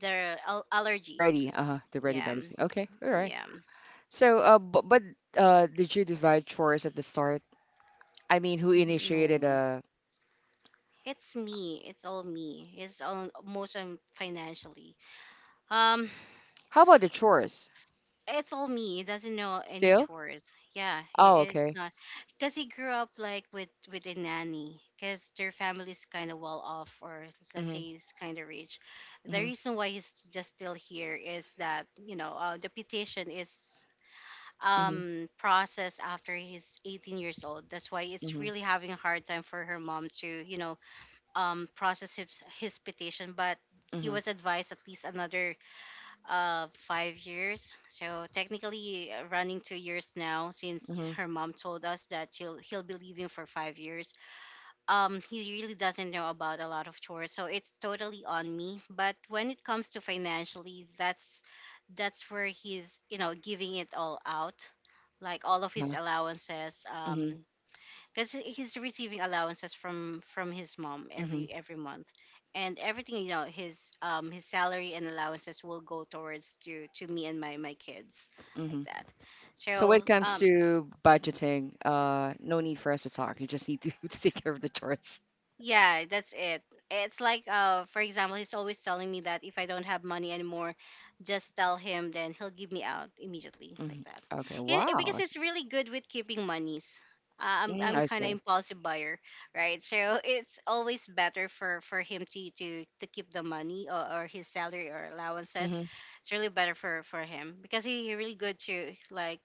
[SPEAKER 2] the al- allergy.
[SPEAKER 1] Ready, uh, the ready
[SPEAKER 2] Yeah,
[SPEAKER 1] medicine. Okay, all right.
[SPEAKER 2] yeah.
[SPEAKER 1] So, uh, but, but uh, did you divide chores at the start? I mean, who initiated
[SPEAKER 2] No,
[SPEAKER 1] uh
[SPEAKER 2] it's me. It's all me. It's all most um, financially. Um,
[SPEAKER 1] how about the chores?
[SPEAKER 2] it's all me. He doesn't know any
[SPEAKER 1] Still?
[SPEAKER 2] chores. Yeah, he
[SPEAKER 1] Oh,
[SPEAKER 2] is
[SPEAKER 1] okay.
[SPEAKER 2] not because he grew up like with with a nanny because their family's kind of well off or let's say
[SPEAKER 1] Mm-hmm,
[SPEAKER 2] he's kind of rich. The
[SPEAKER 1] mm-hmm,
[SPEAKER 2] reason why he's just still here is that you know uh, the petition is
[SPEAKER 1] mm-hmm,
[SPEAKER 2] um processed after he's eighteen years old. That's why it's
[SPEAKER 1] mm-hmm,
[SPEAKER 2] really having a hard time for her mom to, you know, um process his, his petition, but he
[SPEAKER 1] mm-hmm,
[SPEAKER 2] was advised at least another uh five years, so technically, uh, running two years now since
[SPEAKER 1] mm-hmm,
[SPEAKER 2] her mom told us that she'll he'll be leaving for five years. Um he really doesn't know about a lot of chores, so it's totally on me. But when it comes to financially, that's that's where he's, you know, giving it all out, like all of his
[SPEAKER 1] uh-huh,
[SPEAKER 2] allowances.
[SPEAKER 1] mm-hmm,
[SPEAKER 2] Um because he's receiving allowances from from his mom
[SPEAKER 1] mm-hmm,
[SPEAKER 2] every every month, and everything, you know, his um his salary and allowances will go towards to to me and my my kids, like
[SPEAKER 1] mm-hmm.
[SPEAKER 2] that.
[SPEAKER 1] So when
[SPEAKER 2] So
[SPEAKER 1] it comes
[SPEAKER 2] um
[SPEAKER 1] to budgeting, uh, no need for us to talk. You just need to, to take care of the chores.
[SPEAKER 2] yeah, that's it. It's like, uh, for example, he's always telling me that if I don't have money anymore, just tell him, then he'll give me out immediately, like
[SPEAKER 1] Mm-hmm.
[SPEAKER 2] that.
[SPEAKER 1] Okay,
[SPEAKER 2] He, eh, because
[SPEAKER 1] wow.
[SPEAKER 2] it's really good with keeping monies. Uh, I'm
[SPEAKER 1] Mm,
[SPEAKER 2] I'm
[SPEAKER 1] I
[SPEAKER 2] kind of
[SPEAKER 1] see.
[SPEAKER 2] impulsive buyer, right? So it's always better for for him to to to keep the money, or, or his salary or allowances.
[SPEAKER 1] Mm-hmm,
[SPEAKER 2] It's really better for for him because he, he really good to, like,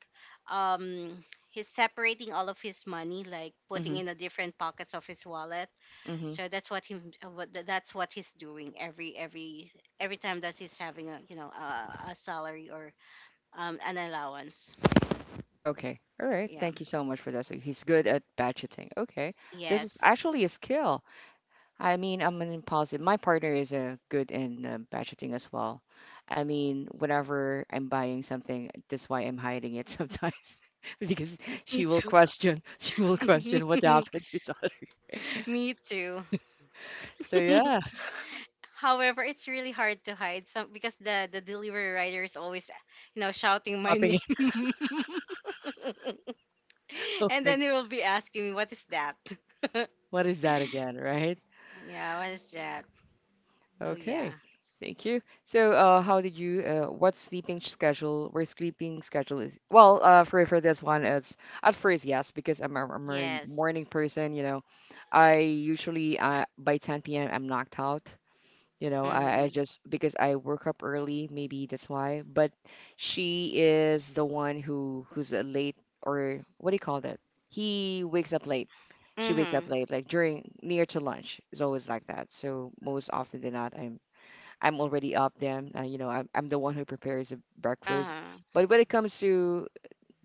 [SPEAKER 2] um, he's separating all of his money, like putting
[SPEAKER 1] mm-hmm,
[SPEAKER 2] in the different pockets of his wallet.
[SPEAKER 1] mm-hmm,
[SPEAKER 2] So that's what him, uh, what tha- that's what he's doing every every every time that he's having a, you know, a, a salary or um an allowance.
[SPEAKER 1] okay. All right.
[SPEAKER 2] Yeah.
[SPEAKER 1] Thank you so much for that. So he's good at budgeting. Okay. This is
[SPEAKER 2] Yes.
[SPEAKER 1] actually a skill. I mean, I'm an impulsive. My partner is uh, good in uh, budgeting as well. I mean, whenever I'm buying something, that's why I'm hiding it sometimes because
[SPEAKER 2] Me
[SPEAKER 1] she will
[SPEAKER 2] too.
[SPEAKER 1] question, she will question what happened to each
[SPEAKER 2] Me too.
[SPEAKER 1] So yeah,
[SPEAKER 2] However, it's really hard to hide some because the the delivery rider is always, you know, shouting my
[SPEAKER 1] popping it.
[SPEAKER 2] name.
[SPEAKER 1] Oh
[SPEAKER 2] And then he will be asking me, what is that?
[SPEAKER 1] what is that again, right?
[SPEAKER 2] Yeah, what is that? Oh yeah.
[SPEAKER 1] Okay, thank you. So, uh, how did you? Uh, what sleeping schedule? Where sleeping schedule is? Well, uh, for for this one, it's at first yes because I'm a, I'm a really
[SPEAKER 2] Yes.
[SPEAKER 1] morning person. You know, I usually uh, by ten p m. I'm knocked out. You know, I, I
[SPEAKER 2] Mhm.
[SPEAKER 1] just because I woke up early, maybe that's why. But she is the one who who's a late or what do you call that? He wakes up late. She wakes up
[SPEAKER 2] Mhm.
[SPEAKER 1] late, like during near to lunch. It's always like that. So most often than not, I'm I'm already up them. Uh, you know, I'm, I'm the one who prepares the breakfast.
[SPEAKER 2] Uh-huh.
[SPEAKER 1] But when it comes to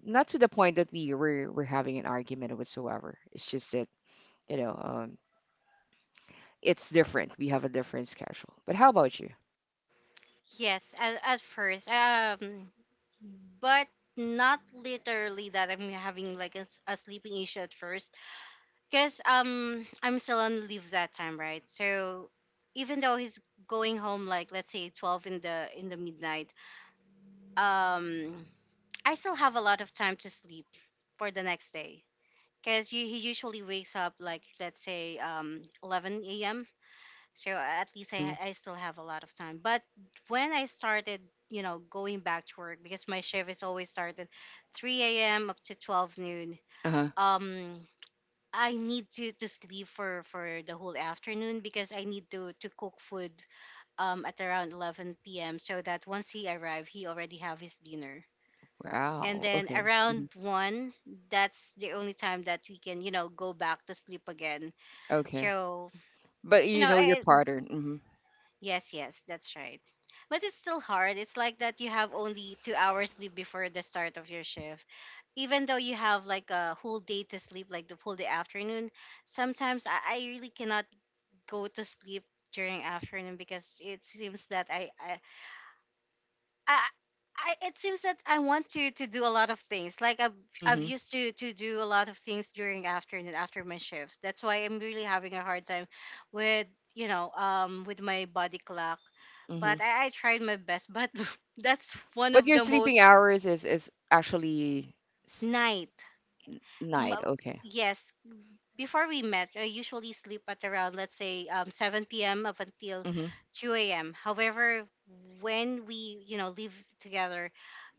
[SPEAKER 1] not to the point that we we're, we're having an argument or whatsoever. It's just that you know, um, it's different. We have a different schedule. But how about you?
[SPEAKER 2] Yes, at, at first. Um, but not literally that I'm having like a, s- a sleeping issue at first, because um I'm still on leave that time, right? So even though he's going home, like, let's say, twelve in the in the midnight, um I still have a lot of time to sleep for the next day, because he usually wakes up, like, let's say, um eleven a.m. So at least
[SPEAKER 1] Mm-hmm.
[SPEAKER 2] I, I still have a lot of time. But when I started, you know, going back to work, because my shift is always started three a.m. up to twelve noon,
[SPEAKER 1] Uh-huh.
[SPEAKER 2] um I need to to sleep for for the whole afternoon, because I need to to cook food um at around eleven p.m. so that once he arrive, he already have his dinner. And
[SPEAKER 1] Wow.
[SPEAKER 2] then
[SPEAKER 1] Okay. hmm
[SPEAKER 2] around one, that's the only time that we can, you know, go back to sleep again.
[SPEAKER 1] Okay.
[SPEAKER 2] So
[SPEAKER 1] But
[SPEAKER 2] you
[SPEAKER 1] you
[SPEAKER 2] know
[SPEAKER 1] know your
[SPEAKER 2] I,
[SPEAKER 1] pattern. Mm-hmm.
[SPEAKER 2] yes, yes, that's right. But it's still hard. It's like that you have only two hours sleep before the start of your shift. Even though you have like a whole day to sleep, like the whole day afternoon, sometimes I, I really cannot go to sleep during afternoon, because it seems that I, I I, I it seems that I want to to do a lot of things. Like I've I've
[SPEAKER 1] Mm-hmm.
[SPEAKER 2] used to to do a lot of things during afternoon after my shift. That's why I'm really having a hard time with, you know, um with my body clock.
[SPEAKER 1] Mm-hmm.
[SPEAKER 2] But I, I tried my best. But that's one
[SPEAKER 1] But
[SPEAKER 2] of
[SPEAKER 1] your
[SPEAKER 2] the
[SPEAKER 1] sleeping
[SPEAKER 2] most
[SPEAKER 1] hours is is actually s-
[SPEAKER 2] night. M-
[SPEAKER 1] night. Okay.
[SPEAKER 2] Yes, before we met, I usually sleep at around, let's say, um, seven p m up until
[SPEAKER 1] Mm-hmm.
[SPEAKER 2] two a m. However, when we, you know, live together,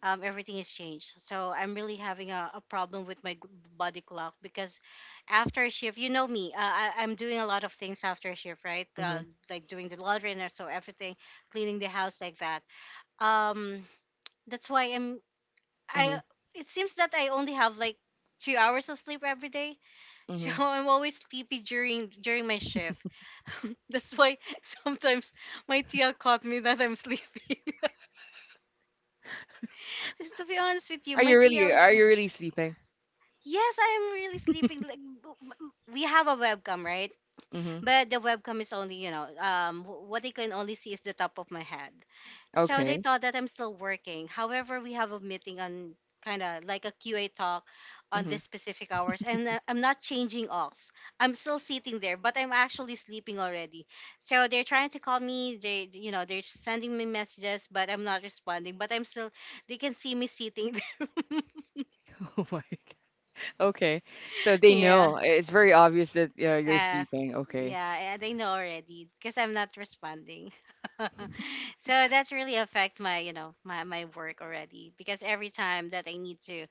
[SPEAKER 2] um, everything is changed. So I'm really having a, a problem with my g- body clock because after shift, you know me, uh, I, I'm doing a lot of things after shift, right?
[SPEAKER 1] Mm-hmm.
[SPEAKER 2] Uh, like doing the laundry and so everything, cleaning the house like that. Um, that's why I'm,
[SPEAKER 1] Mm-hmm.
[SPEAKER 2] I, it seems that I only have like two hours of sleep every day. So
[SPEAKER 1] Mm-hmm.
[SPEAKER 2] I'm always sleepy during during my shift. That's why sometimes my T L caught me that I'm sleeping. Just to be honest with you,
[SPEAKER 1] Are you
[SPEAKER 2] my T L
[SPEAKER 1] really
[SPEAKER 2] is
[SPEAKER 1] are you really sleeping?
[SPEAKER 2] yes, I am really sleeping. Like b- b- we have a webcam, right?
[SPEAKER 1] Mm-hmm.
[SPEAKER 2] But the webcam is only, you know, um wh- what they can only see is the top of my head, so they
[SPEAKER 1] Okay.
[SPEAKER 2] thought that I'm still working. However, we have a meeting on kind of like a QA talk on this specific hours. And uh, I'm not changing ox, I'm still sitting there, but I'm actually sleeping already. So they're trying to call me, they, you know, they're sending me messages, but I'm not responding. But I'm still, they can see me sitting there.
[SPEAKER 1] Oh my God. Okay. So they
[SPEAKER 2] Yeah.
[SPEAKER 1] know. It's very obvious that uh, you're
[SPEAKER 2] Yeah,
[SPEAKER 1] sleeping. Okay.
[SPEAKER 2] yeah, and I know already because I'm not responding. So that's really affect my, you know, my, my work already, because every time that I need to,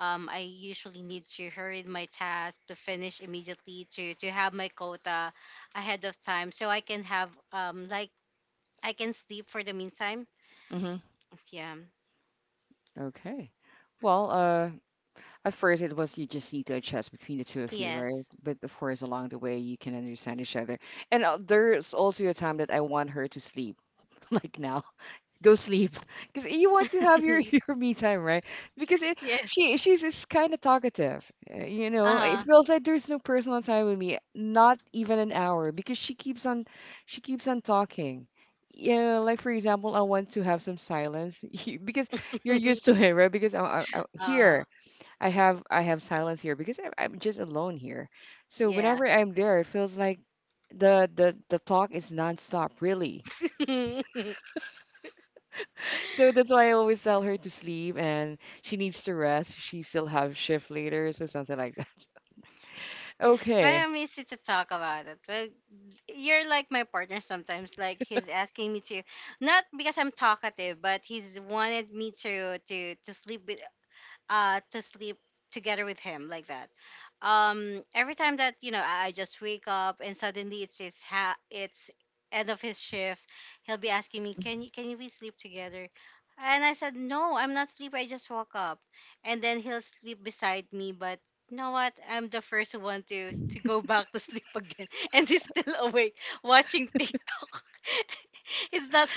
[SPEAKER 2] um, I usually need to hurry my task to finish immediately to to have my quota ahead of time so I can have, um like, I can sleep for the meantime.
[SPEAKER 1] Mm-hmm.
[SPEAKER 2] Yeah.
[SPEAKER 1] Okay. Well, uh, at first it was you just need to adjust between the two of you, right?
[SPEAKER 2] Yes.
[SPEAKER 1] But of course, along the way, you can understand each other. And uh, there's also a time that I want her to sleep, like now. Go sleep because you want to have your your me time, right? Because it
[SPEAKER 2] Yes.
[SPEAKER 1] she she's just kind of talkative, uh, you know, it
[SPEAKER 2] Uh
[SPEAKER 1] feels like there's no personal time with me, not even an hour, because she keeps on she keeps on talking. Yeah, like for example, I want to have some silence you- because you're
[SPEAKER 2] huh.
[SPEAKER 1] used to it, right? Because I, am I,
[SPEAKER 2] Uh huh.
[SPEAKER 1] here I have i have silence here because I'm, I'm just alone here. So
[SPEAKER 2] Yeah.
[SPEAKER 1] whenever I'm there it feels like the the the talk is nonstop really. So that's why I always tell her to sleep and she needs to rest. She still have shift later, so something like that. Okay.
[SPEAKER 2] Well, I'm easy to talk about it. Well, you're like my partner sometimes. Like he's asking me to, not because I'm talkative, but he's wanted me to to to sleep with, uh, to sleep together with him, like that. Um, every time that, you know, I, I just wake up and suddenly it's it's ha- it's end of his shift, he'll be asking me,
[SPEAKER 1] hmm
[SPEAKER 2] "Can you can we sleep together?" And I said, "No, I'm not sleepy. I just woke up." And then he'll sleep beside me, but you know what? I'm the first one to to go back to sleep again, and he's still awake watching TikTok. It's not,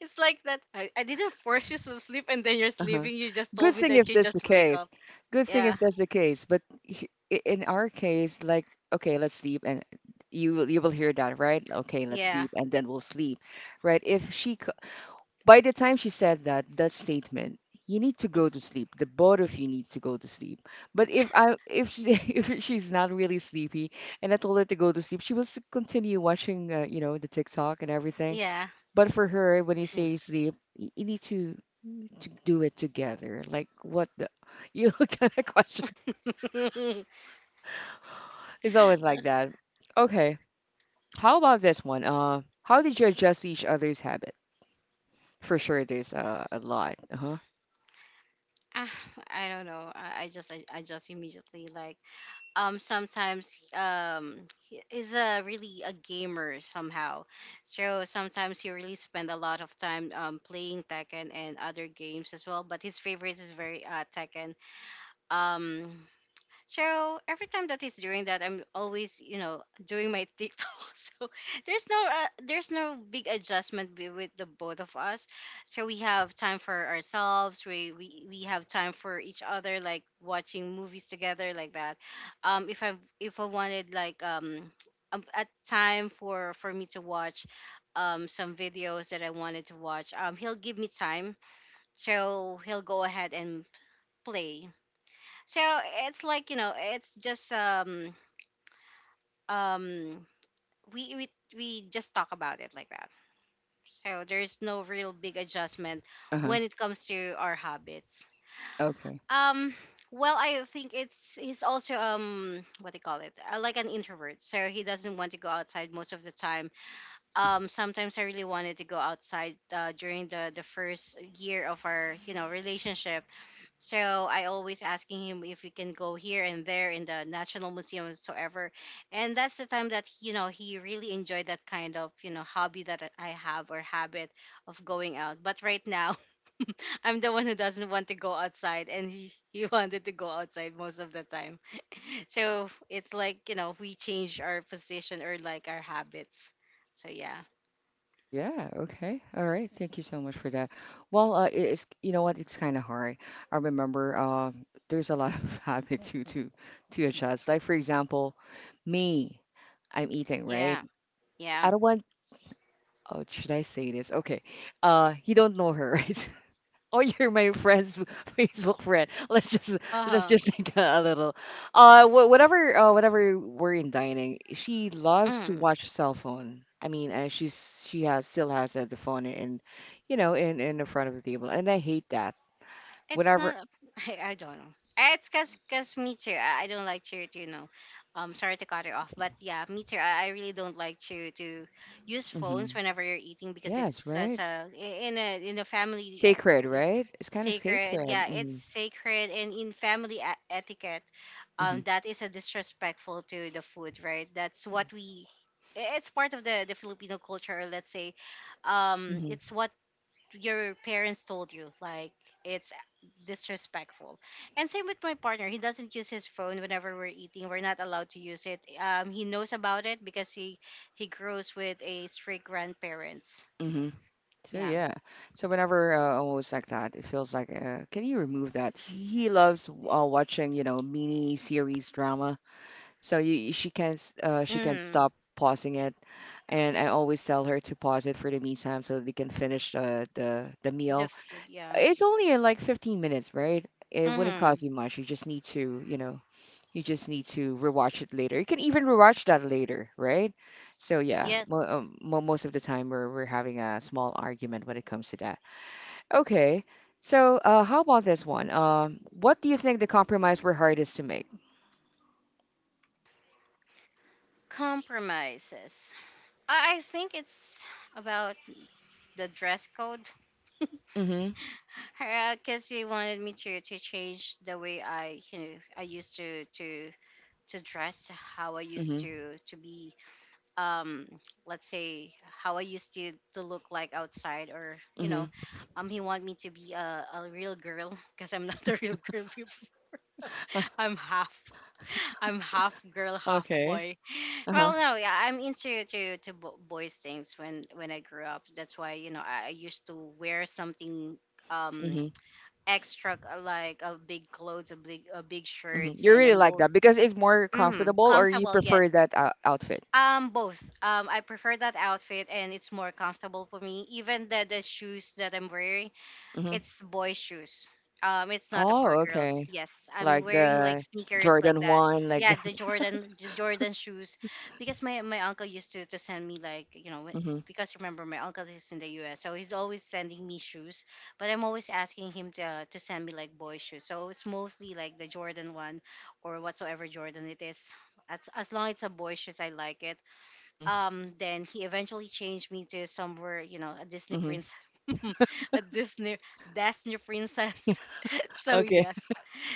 [SPEAKER 2] it's like that. I, I didn't force you to sleep and then you're
[SPEAKER 1] Uh-huh.
[SPEAKER 2] sleeping. You just told
[SPEAKER 1] Good
[SPEAKER 2] me
[SPEAKER 1] thing
[SPEAKER 2] that
[SPEAKER 1] if
[SPEAKER 2] you
[SPEAKER 1] that's the
[SPEAKER 2] just wake
[SPEAKER 1] case.
[SPEAKER 2] up.
[SPEAKER 1] Good thing
[SPEAKER 2] Yeah.
[SPEAKER 1] if that's the case. But h- i- in our case, like, okay, let's sleep and you will you will hear that, right? Okay, let's
[SPEAKER 2] Yeah.
[SPEAKER 1] sleep and then we'll sleep, right? If she By the time she said that, that statement, you need to go to sleep. The both of you need to go to sleep. But if I if she if she's not really sleepy and I told her to go to sleep, she will s- continue watching, uh, you know, the TikTok and everything.
[SPEAKER 2] Yeah.
[SPEAKER 1] But for her, when you say sleep, y- you need to to do it together. Like what the you know kind of question.
[SPEAKER 2] Mm.
[SPEAKER 1] It's always like that. Okay. How about this one? Uh, how did you adjust to each other's habit? For sure, there's uh, a lot. Uh-huh.
[SPEAKER 2] Ah, I don't know. I, I just I, I just immediately like um sometimes um he is a really a gamer somehow. So sometimes he really spend a lot of time um playing Tekken and other games as well, but his favorite is very uh Tekken. Um So every time that he's doing that, I'm always, you know, doing my TikTok. So there's no, uh, there's no big adjustment be- with the both of us. So we have time for ourselves. We we we have time for each other, like watching movies together, like that. Um, if I if I wanted like um um, a time for for me to watch um some videos that I wanted to watch, um he'll give me time. So he'll go ahead and play. So it's like, you know, it's just um um we we we just talk about it, like that. So there is no real big adjustment
[SPEAKER 1] Uh-huh.
[SPEAKER 2] when it comes to our habits.
[SPEAKER 1] Okay.
[SPEAKER 2] Um, well, I think it's he's also um what do you call it? Uh, like an introvert, so he doesn't want to go outside most of the time.
[SPEAKER 1] Mhm.
[SPEAKER 2] Um, sometimes I really wanted to go outside, uh, during the the first year of our, you know, relationship. So I always asking him if we can go here and there in the National Museum whatsoever. And that's the time that, you know, he really enjoyed that kind of, you know, hobby that I have or habit of going out. But right now, I'm the one who doesn't want to go outside, and he, he wanted to go outside most of the time. So it's like, you know, we change our position or like our habits. So yeah.
[SPEAKER 1] Yeah, okay. All right. Thank you so much for that. Well, uh, it- it's you know what, it's kind of hard. I remember um there's a lot of habit to to to adjust. Like for example, me, I'm eating, right?
[SPEAKER 2] Yeah. Yeah.
[SPEAKER 1] I don't want oh, should I say this? Okay. Uh, you don't know her, right? Oh, you're my friend's Facebook friend. Let's just let's
[SPEAKER 2] Uh
[SPEAKER 1] just think a little. Uh, wh- whatever. Uh, whatever we're in dining, she loves
[SPEAKER 2] huh.
[SPEAKER 1] to watch cell phone. I mean, uh, she's she has still has uh, the phone in, you know, in in the front of the table, and I hate that.
[SPEAKER 2] It's
[SPEAKER 1] Whenever,
[SPEAKER 2] not. a- I, I don't know. It's cause, cause me too. I, I don't like to, to, you know, um, sorry to cut it off, but yeah, me too. I, I really don't like to to use
[SPEAKER 1] hmm
[SPEAKER 2] phones whenever you're eating, because
[SPEAKER 1] yes,
[SPEAKER 2] it's such
[SPEAKER 1] right,
[SPEAKER 2] a i- in a in a family
[SPEAKER 1] sacred,
[SPEAKER 2] uh,
[SPEAKER 1] right? It's kind of
[SPEAKER 2] sacred.
[SPEAKER 1] sacred.
[SPEAKER 2] Yeah, it's
[SPEAKER 1] Mm-hmm.
[SPEAKER 2] sacred. And in family e- etiquette,
[SPEAKER 1] Mm-hmm.
[SPEAKER 2] um, that is a disrespectful to the food, right? That's what we. i- It's part of the the Filipino culture, or let's say, um, it's
[SPEAKER 1] Mm-hmm.
[SPEAKER 2] what your parents told you, like, it's disrespectful. And same with my partner, he doesn't use his phone whenever we're eating. We're not allowed to use it. Um, he knows about it because he he grows with a strict grandparents.
[SPEAKER 1] Mm-hmm. So
[SPEAKER 2] Yeah.
[SPEAKER 1] yeah, so whenever uh, almost like that, it feels like, uh, can you remove that? He loves uh, watching, you know, mini series drama. So you, she can't, s- uh, she can't
[SPEAKER 2] mm,
[SPEAKER 1] stop pausing it, and I always tell her to pause it for the meantime so they can finish the the the
[SPEAKER 2] the
[SPEAKER 1] meal.
[SPEAKER 2] food, yeah.
[SPEAKER 1] It's only in like fifteen minutes, right? It wouldn't
[SPEAKER 2] Mm-hmm.
[SPEAKER 1] cost you much. You just need to, you know, you just need to rewatch it later. You can even rewatch that later, right? So yeah,
[SPEAKER 2] Yes.
[SPEAKER 1] mo um, mo most of the time we're we're having a small argument when it comes to that. Okay. So, uh, how about this one? Um, what do you think the compromise were hardest to make?
[SPEAKER 2] Compromises. I, I think it's about the dress code.
[SPEAKER 1] Mm-hmm.
[SPEAKER 2] Because he wanted me to to change the way I, you know, I used to to to dress, how I used
[SPEAKER 1] Mm-hmm.
[SPEAKER 2] to to be, um let's say, how I used to to look like outside, or, you know,
[SPEAKER 1] Mm-hmm.
[SPEAKER 2] um he want me to be a, a real girl, because I'm not a real girl before. I'm half I'm half girl, half boy.
[SPEAKER 1] Okay. Uh-huh.
[SPEAKER 2] Well, no, yeah, I'm into to to bo- boys things when when I grew up. That's why, you know, I, I used to wear something um
[SPEAKER 1] Mm-hmm.
[SPEAKER 2] extra, uh, like, a big clothes, a big a big
[SPEAKER 1] Mm-hmm.
[SPEAKER 2] shirts,
[SPEAKER 1] You
[SPEAKER 2] and a
[SPEAKER 1] really like
[SPEAKER 2] more.
[SPEAKER 1] that because it's more
[SPEAKER 2] Mm,
[SPEAKER 1] comfortable, or you
[SPEAKER 2] comfortable,
[SPEAKER 1] prefer
[SPEAKER 2] yes.
[SPEAKER 1] that uh, outfit?
[SPEAKER 2] Um, both. Um, I prefer that outfit, and it's more comfortable for me. Even the the shoes that I'm wearing,
[SPEAKER 1] Mm-hmm.
[SPEAKER 2] it's boy shoes. Um, it's not for
[SPEAKER 1] Oh,
[SPEAKER 2] girls.
[SPEAKER 1] okay.
[SPEAKER 2] Yes, I'm
[SPEAKER 1] Like
[SPEAKER 2] wearing, like,
[SPEAKER 1] the
[SPEAKER 2] sneakers like
[SPEAKER 1] Jordan
[SPEAKER 2] that.
[SPEAKER 1] one, like
[SPEAKER 2] Yeah,
[SPEAKER 1] that.
[SPEAKER 2] the Jordan, the Jordan shoes, because my my uncle used to to send me, like, you know, wh-
[SPEAKER 1] Mm-hmm.
[SPEAKER 2] because remember my uncle is in the U S, so he's always sending me shoes, but I'm always asking him to to send me, like, boy shoes. So it's mostly like the Jordan one, or whatsoever Jordan it is. As as long as it's a boy shoes, I like it.
[SPEAKER 1] Mm-hmm.
[SPEAKER 2] Um then he eventually changed me to somewhere, you know, a Disney
[SPEAKER 1] Mm-hmm.
[SPEAKER 2] princess. a disney disney princess. So
[SPEAKER 1] Okay.
[SPEAKER 2] yes,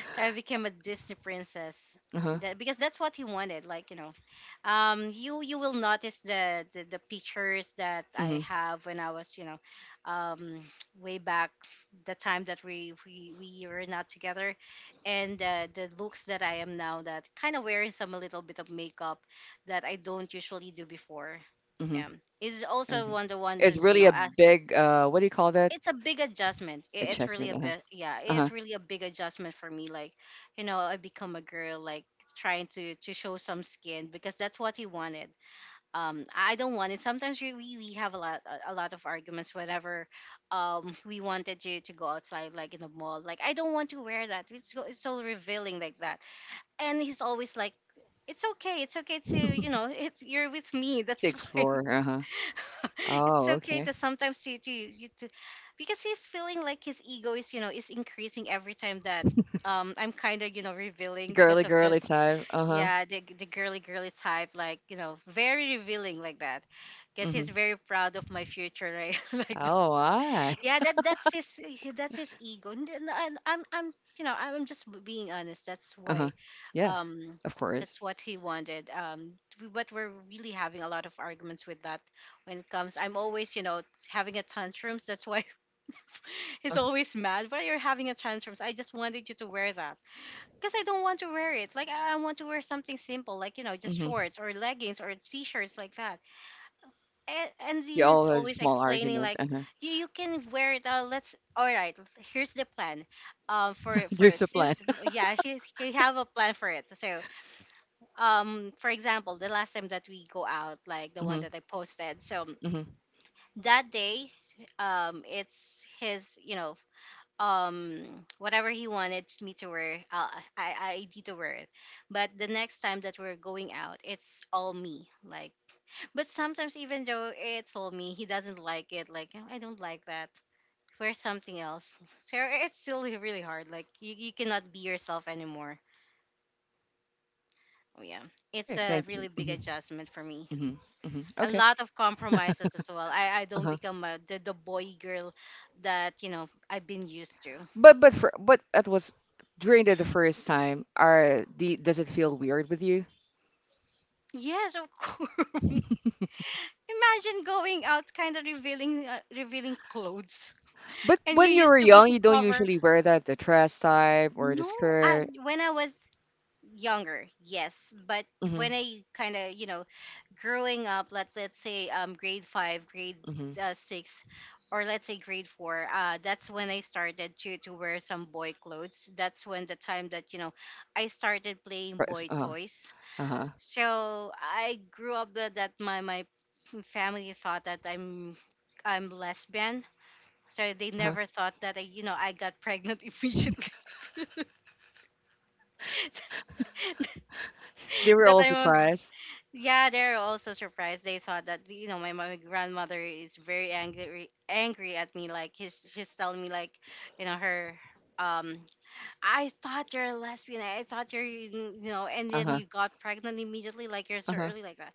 [SPEAKER 2] so I became a Disney princess,
[SPEAKER 1] Uh-huh.
[SPEAKER 2] that, because that's what he wanted, like, you know. um you you will notice the, the the pictures that
[SPEAKER 1] Mm-hmm.
[SPEAKER 2] I have when I was, you know, um way back, the time that we we, we were not together, and uh, the looks that I am now, that kind of wearing some a little bit of makeup that I don't usually do before.
[SPEAKER 1] Mm-hmm.
[SPEAKER 2] Yeah. Is also
[SPEAKER 1] Okay.
[SPEAKER 2] one, the one
[SPEAKER 1] It's
[SPEAKER 2] who's, you
[SPEAKER 1] really
[SPEAKER 2] know,
[SPEAKER 1] a
[SPEAKER 2] ask.
[SPEAKER 1] big, uh, what do you call that?
[SPEAKER 2] It's a big adjustment.
[SPEAKER 1] A
[SPEAKER 2] I- it's really
[SPEAKER 1] chessman.
[SPEAKER 2] a
[SPEAKER 1] Uh-huh.
[SPEAKER 2] bit, yeah,
[SPEAKER 1] Uh-huh.
[SPEAKER 2] it's really a big adjustment for me, like, you know, I become a girl, like, trying to to show some skin because that's what he wanted. um I don't want it. Sometimes we we, we have a lot, a a lot of arguments whenever um we wanted to to go outside, like in the mall. Like, I don't want to wear that, it's, so- it's so revealing like that. And he's always like, "It's okay, it's okay to,
[SPEAKER 1] uh-huh.
[SPEAKER 2] you know, it's, you're with me, that's
[SPEAKER 1] Sixth
[SPEAKER 2] fine."
[SPEAKER 1] floor. Uh-huh.
[SPEAKER 2] It's
[SPEAKER 1] Oh,
[SPEAKER 2] okay
[SPEAKER 1] okay.
[SPEAKER 2] to sometimes to, to you to, because he's feeling like his ego is, you know, is increasing every time that um I'm kind of, you know, revealing because
[SPEAKER 1] Girly,
[SPEAKER 2] of the.
[SPEAKER 1] girly type. Uh-huh.
[SPEAKER 2] Yeah, the the girly girly type, like, you know, very revealing like that. Guess he's
[SPEAKER 1] Mm-hmm.
[SPEAKER 2] very proud of my future, right? Like that.
[SPEAKER 1] Oh, I.
[SPEAKER 2] Yeah, that that's his that's his ego, and, and and I'm I'm, you know, I'm just being honest. That's
[SPEAKER 1] Uh-huh.
[SPEAKER 2] why,
[SPEAKER 1] Yeah,
[SPEAKER 2] um,
[SPEAKER 1] of course.
[SPEAKER 2] that's what he wanted. Um, we- but we're really having a lot of arguments with that when it comes. I'm always, you know, having a tantrums. That's why he's
[SPEAKER 1] Uh-huh.
[SPEAKER 2] always mad. "Why you're having a tantrums? I just wanted you to wear that." Because I don't want to wear it. Like, I I want to wear something simple, like, you know, just
[SPEAKER 1] Mm-hmm.
[SPEAKER 2] shorts or leggings or t-shirts like that. And, and
[SPEAKER 1] You
[SPEAKER 2] he is
[SPEAKER 1] all had a
[SPEAKER 2] always
[SPEAKER 1] small
[SPEAKER 2] explaining,
[SPEAKER 1] argument.
[SPEAKER 2] like,
[SPEAKER 1] Uh-huh.
[SPEAKER 2] you you can wear it. Uh, "let's, all right, here's the plan." Um, for for
[SPEAKER 1] There's a plan.
[SPEAKER 2] since yeah, he he have a plan for it. So, um, for example, the last time that we go out, like the one
[SPEAKER 1] Mm-hmm.
[SPEAKER 2] that I posted. So
[SPEAKER 1] Mm-hmm.
[SPEAKER 2] that day, um, it's his, you know, um whatever he wanted me to wear, uh, I, I need to wear it. But the next time that we're going out, it's all me, like. But sometimes even though it's all me, he doesn't like it, like, "Oh, I don't like that, wear something else." So it's still really hard, like, you, you cannot be yourself anymore. Oh yeah, it's
[SPEAKER 1] Okay,
[SPEAKER 2] a
[SPEAKER 1] thank you.
[SPEAKER 2] really big
[SPEAKER 1] Mm-hmm.
[SPEAKER 2] adjustment for me.
[SPEAKER 1] Mm-hmm. Mm-hmm.
[SPEAKER 2] A
[SPEAKER 1] Okay.
[SPEAKER 2] lot of compromises as well. i, I don't
[SPEAKER 1] Uh-huh.
[SPEAKER 2] become a, the, the boy girl that, you know, I've been used to.
[SPEAKER 1] But but for but that was during the, the first time. Are the does it feel weird with you?
[SPEAKER 2] Yes, of course. Imagine going out, kind of revealing, uh, revealing clothes,
[SPEAKER 1] But
[SPEAKER 2] and you
[SPEAKER 1] when you were
[SPEAKER 2] used to be
[SPEAKER 1] young,
[SPEAKER 2] to
[SPEAKER 1] you don't
[SPEAKER 2] cover.
[SPEAKER 1] usually wear that the dress type or the
[SPEAKER 2] No, I,
[SPEAKER 1] skirt.
[SPEAKER 2] when I was younger, yes, but when
[SPEAKER 1] Mhm.
[SPEAKER 2] I kind of, you know, growing up, let let's say, um grade five, grade
[SPEAKER 1] Mhm.
[SPEAKER 2] uh, six, or let's say grade four, uh, that's when I started to to wear some boy clothes. That's when the time that, you know, I started
[SPEAKER 1] The
[SPEAKER 2] playing
[SPEAKER 1] cross.
[SPEAKER 2] boy
[SPEAKER 1] Uh-huh.
[SPEAKER 2] toys.
[SPEAKER 1] Uh-huh.
[SPEAKER 2] So I grew up with that. My my family thought that I'm I'm lesbian. So they
[SPEAKER 1] Uh-huh.
[SPEAKER 2] never thought that I, you know, I got pregnant immediately.
[SPEAKER 1] They were
[SPEAKER 2] That
[SPEAKER 1] all
[SPEAKER 2] I'm a,
[SPEAKER 1] surprised.
[SPEAKER 2] yeah, they're also surprised. They thought that, you know, my, my grandmother is very angry angry at me. Like, she's she's telling me, like, you know her, um "I thought you're a lesbian. I thought you're, you know, and then
[SPEAKER 1] Uh-huh.
[SPEAKER 2] you got pregnant immediately. Like you're so
[SPEAKER 1] Uh-huh.
[SPEAKER 2] early like that."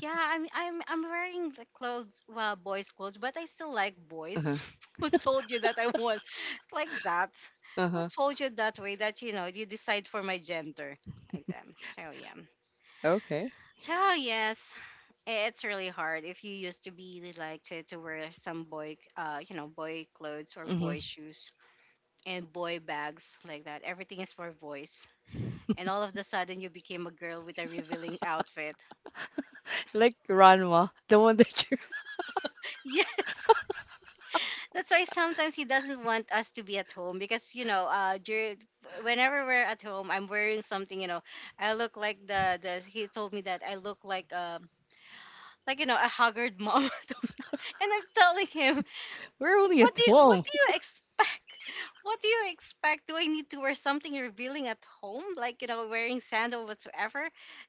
[SPEAKER 2] Yeah, I'm I'm I'm wearing the clothes, well, boys' clothes, but I still like boys.
[SPEAKER 1] Uh-huh.
[SPEAKER 2] "Who told you that I want like that? Who
[SPEAKER 1] Uh-huh.
[SPEAKER 2] told you that way that, you know, you decide for my gender like that?" So yeah.
[SPEAKER 1] Okay.
[SPEAKER 2] So yes, i- it's really hard if you used to be like to, to wear some boy, uh, you know, boy clothes or boy
[SPEAKER 1] Mhm.
[SPEAKER 2] shoes and boy bags like that. Everything is for boys, and all of the sudden you became a girl with a revealing outfit.
[SPEAKER 1] Like Ranma, the one that you
[SPEAKER 2] Yes. That's why sometimes he doesn't want us to be at home, because, you know, uh during, whenever we're at home, I'm wearing something, you know, I look like the the he told me that I look like, um like, you know, a haggard mom. And I'm telling him,
[SPEAKER 1] we're only
[SPEAKER 2] what
[SPEAKER 1] at
[SPEAKER 2] do you, "What
[SPEAKER 1] home.
[SPEAKER 2] do you expect? What do you expect? Do I need to wear something revealing at home, like, you know, wearing sandal whatsoever?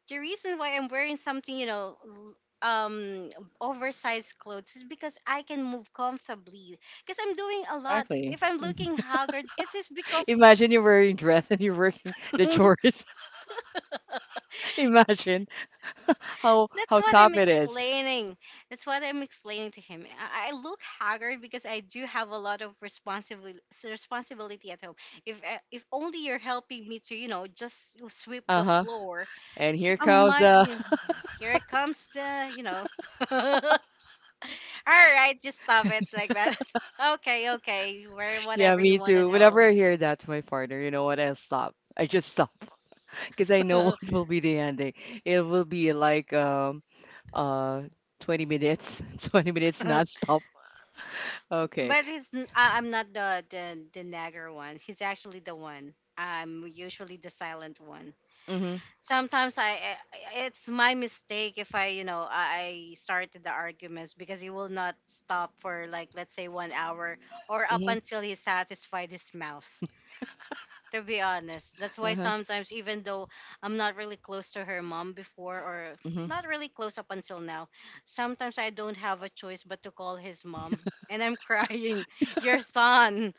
[SPEAKER 2] The reason why I'm wearing something, you know, l- um, oversized clothes is because I can move comfortably. Because I'm doing a lot.
[SPEAKER 1] Exactly.
[SPEAKER 2] If I'm
[SPEAKER 1] Mhm.
[SPEAKER 2] looking haggard, it's just because."
[SPEAKER 1] Imagine you're wearing dress and you're working the chores. Imagine how
[SPEAKER 2] That's
[SPEAKER 1] how
[SPEAKER 2] what I'm
[SPEAKER 1] tough it is.
[SPEAKER 2] explaining. That's what I'm explaining to him. I, I look haggard because I do have a lot of responsibility responsibility at home. If, uh, if only you're helping me to, you know, just sweep the
[SPEAKER 1] Uh-huh.
[SPEAKER 2] floor,
[SPEAKER 1] And here
[SPEAKER 2] I
[SPEAKER 1] comes
[SPEAKER 2] might
[SPEAKER 1] uh
[SPEAKER 2] be. Here comes the, you know. "All right, just stop it like that." Okay, okay, where
[SPEAKER 1] yeah,
[SPEAKER 2] whatever you
[SPEAKER 1] me
[SPEAKER 2] want at
[SPEAKER 1] too. Whenever
[SPEAKER 2] home.
[SPEAKER 1] I hear that to my partner, you know what? I'll stop. I just stop because I know what will be the ending. It will be like um uh twenty minutes, twenty minutes nonstop. Okay.
[SPEAKER 2] But he's n- I am not the, the the nagger one. He's actually the one. I'm usually the silent one.
[SPEAKER 1] Mhm.
[SPEAKER 2] Sometimes I, I, it's my mistake if I, you know, I I started the arguments, because he will not stop for, like, let's say, one hour, or up
[SPEAKER 1] Mhm.
[SPEAKER 2] until he satisfied his mouth. To be honest, that's why
[SPEAKER 1] Uh-huh.
[SPEAKER 2] sometimes even though I'm not really close to her mom before, or
[SPEAKER 1] Mhm.
[SPEAKER 2] not really close up until now, sometimes I don't have a choice but to call his mom, and I'm crying. "Your son,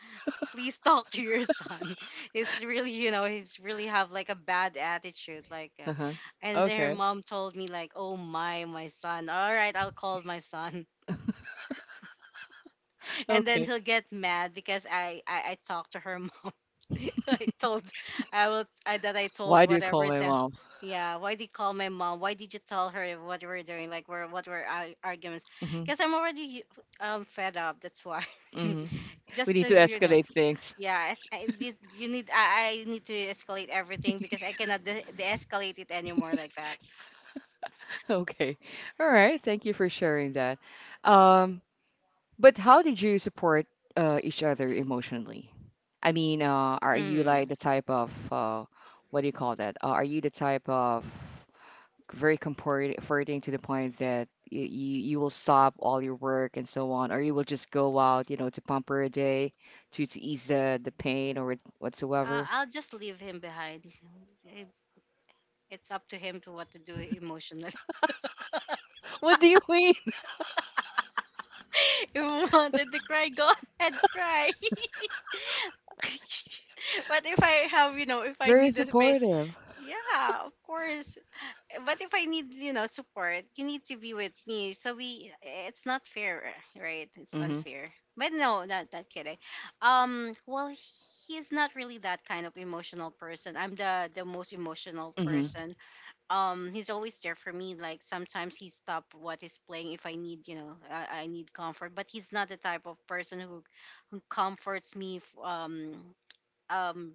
[SPEAKER 2] please talk to your son." "He's really, you know, he's really have, like, a bad attitude. Like, uh,
[SPEAKER 1] Uh-huh.
[SPEAKER 2] And then her
[SPEAKER 1] Okay.
[SPEAKER 2] mom told me, like, "Oh, my, my son. All right, I'll call my son." And then
[SPEAKER 1] Okay.
[SPEAKER 2] he'll get mad because I I, I talked to her mom. I told, I will I, that I told
[SPEAKER 1] Why do you
[SPEAKER 2] whatever
[SPEAKER 1] call
[SPEAKER 2] is,
[SPEAKER 1] my
[SPEAKER 2] uh,
[SPEAKER 1] mom?
[SPEAKER 2] "Yeah, why did you call my mom? Why did you tell her what we're doing? Like, we're what were our arguments?"
[SPEAKER 1] Mhm.
[SPEAKER 2] Because I'm already um fed up. That's why.
[SPEAKER 1] Mhm. We
[SPEAKER 2] Just to,
[SPEAKER 1] need to
[SPEAKER 2] you know.
[SPEAKER 1] escalate things.
[SPEAKER 2] Yeah, as I did, you need I, I need to escalate everything, because I cannot de- de-escalate it anymore like that.
[SPEAKER 1] Okay. All right. Thank you for sharing that. Um But how did you support uh, each other emotionally? I mean, uh, are you like the
[SPEAKER 2] Mm.
[SPEAKER 1] type of uh, what do you call that? Uh, are you the type of very comport- comforting to the point that you, you you will stop all your work and so on, or you will just go out, you know, to pamper a day to to ease the the pain or
[SPEAKER 2] Uh,
[SPEAKER 1] whatsoever?
[SPEAKER 2] I'll just leave him behind. It- It's up to him to what to do emotionally.
[SPEAKER 1] What do you mean?
[SPEAKER 2] If you wanted to cry, go ahead, cry. But if I have, you know, if I
[SPEAKER 1] Very
[SPEAKER 2] need the space,
[SPEAKER 1] supportive.
[SPEAKER 2] yeah, of course. But if I need, you know, support, you need to be with me. So we, it's not fair, right? It's
[SPEAKER 1] Mm-hmm.
[SPEAKER 2] unfair. But no, not not kidding. Um, well, he's not really that kind of emotional person. I'm the the most emotional
[SPEAKER 1] Mm-hmm.
[SPEAKER 2] person. Um, he's always there for me. Like sometimes he stop what he's playing if I need, you know, I, I need comfort. But he's not the type of person who who comforts me. f- Um, um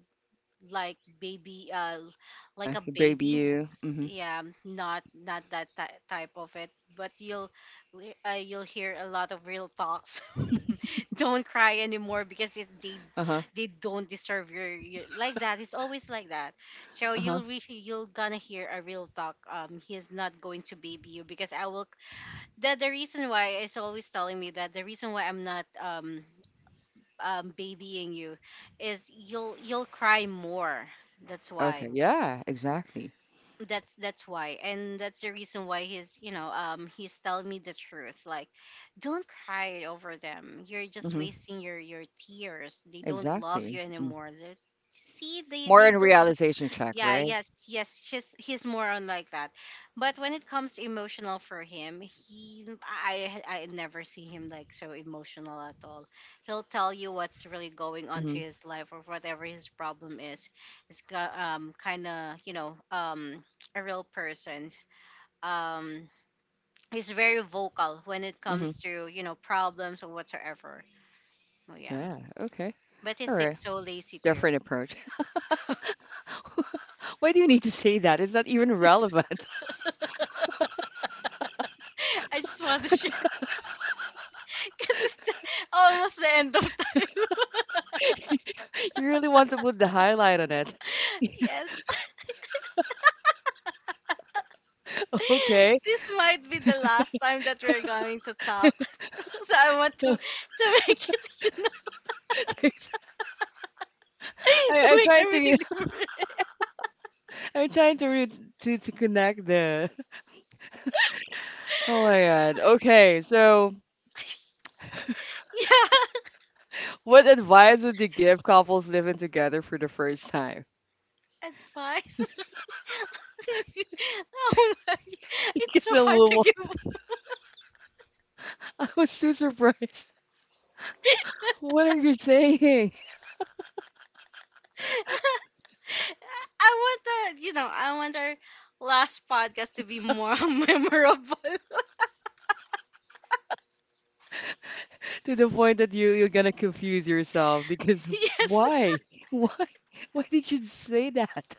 [SPEAKER 2] like baby uh like
[SPEAKER 1] Uh-huh.
[SPEAKER 2] a
[SPEAKER 1] He Baby
[SPEAKER 2] baby,
[SPEAKER 1] you. Mm-hmm.
[SPEAKER 2] yeah, not not that ty- type of it, but you'll we- uh, you'll hear a lot of real talks. Don't cry anymore because it, they
[SPEAKER 1] Uh-huh.
[SPEAKER 2] they don't deserve your, your, like that. It's always like that. So
[SPEAKER 1] Uh-huh.
[SPEAKER 2] you'll re- you'll gonna hear a real talk. Um he's not going to baby you because I will. That the the reason why it's always telling me that the reason why I'm not um um babying you is you'll you'll cry more. That's why.
[SPEAKER 1] Okay. Yeah, exactly.
[SPEAKER 2] That's that's why. And that's the reason why he's, you know um he's telling me the truth, like, don't cry over them. You're just
[SPEAKER 1] Mm-hmm.
[SPEAKER 2] wasting your your tears. They don't love you
[SPEAKER 1] Exactly. Mm-hmm.
[SPEAKER 2] anymore. They See, they
[SPEAKER 1] More
[SPEAKER 2] they
[SPEAKER 1] in
[SPEAKER 2] don't.
[SPEAKER 1] realization check,
[SPEAKER 2] Yeah,
[SPEAKER 1] right?
[SPEAKER 2] yes, yes. She's He's more on like that. But when it comes to emotional for him, he I I never see him like so emotional at all. He'll tell you what's really going on to
[SPEAKER 1] Mhm,
[SPEAKER 2] his life, or whatever his problem is. It's got, um, kind of, you know, um, a real person. Um, he's very vocal when it
[SPEAKER 1] mhm.
[SPEAKER 2] comes to, you know, problems or whatsoever. Oh, yeah,
[SPEAKER 1] Yeah, okay.
[SPEAKER 2] but
[SPEAKER 1] All
[SPEAKER 2] he's
[SPEAKER 1] right.
[SPEAKER 2] so lazy too.
[SPEAKER 1] Different approach. Why do you need to say that? It's not even relevant.
[SPEAKER 2] I just want to share. Because it's the- Almost the end of time.
[SPEAKER 1] You really want to put the highlight on it.
[SPEAKER 2] Yes.
[SPEAKER 1] Okay.
[SPEAKER 2] This might be the last time that we're going to talk. so so I want to to make it, you know,
[SPEAKER 1] I,
[SPEAKER 2] to
[SPEAKER 1] I'm
[SPEAKER 2] make
[SPEAKER 1] trying to
[SPEAKER 2] everything different.
[SPEAKER 1] I'm trying to re to to connect the oh my God. Okay, so
[SPEAKER 2] Yeah.
[SPEAKER 1] what advice would you give couples living together for the first time?
[SPEAKER 2] Advice. Oh my. It's
[SPEAKER 1] Because
[SPEAKER 2] so
[SPEAKER 1] I
[SPEAKER 2] hard to
[SPEAKER 1] will-
[SPEAKER 2] give.
[SPEAKER 1] I was too surprised. What are you saying?
[SPEAKER 2] I want to, you know, I want our last podcast to be more memorable.
[SPEAKER 1] To the point that you you're gonna confuse yourself because
[SPEAKER 2] Yes.
[SPEAKER 1] why? Why? Why did you say that?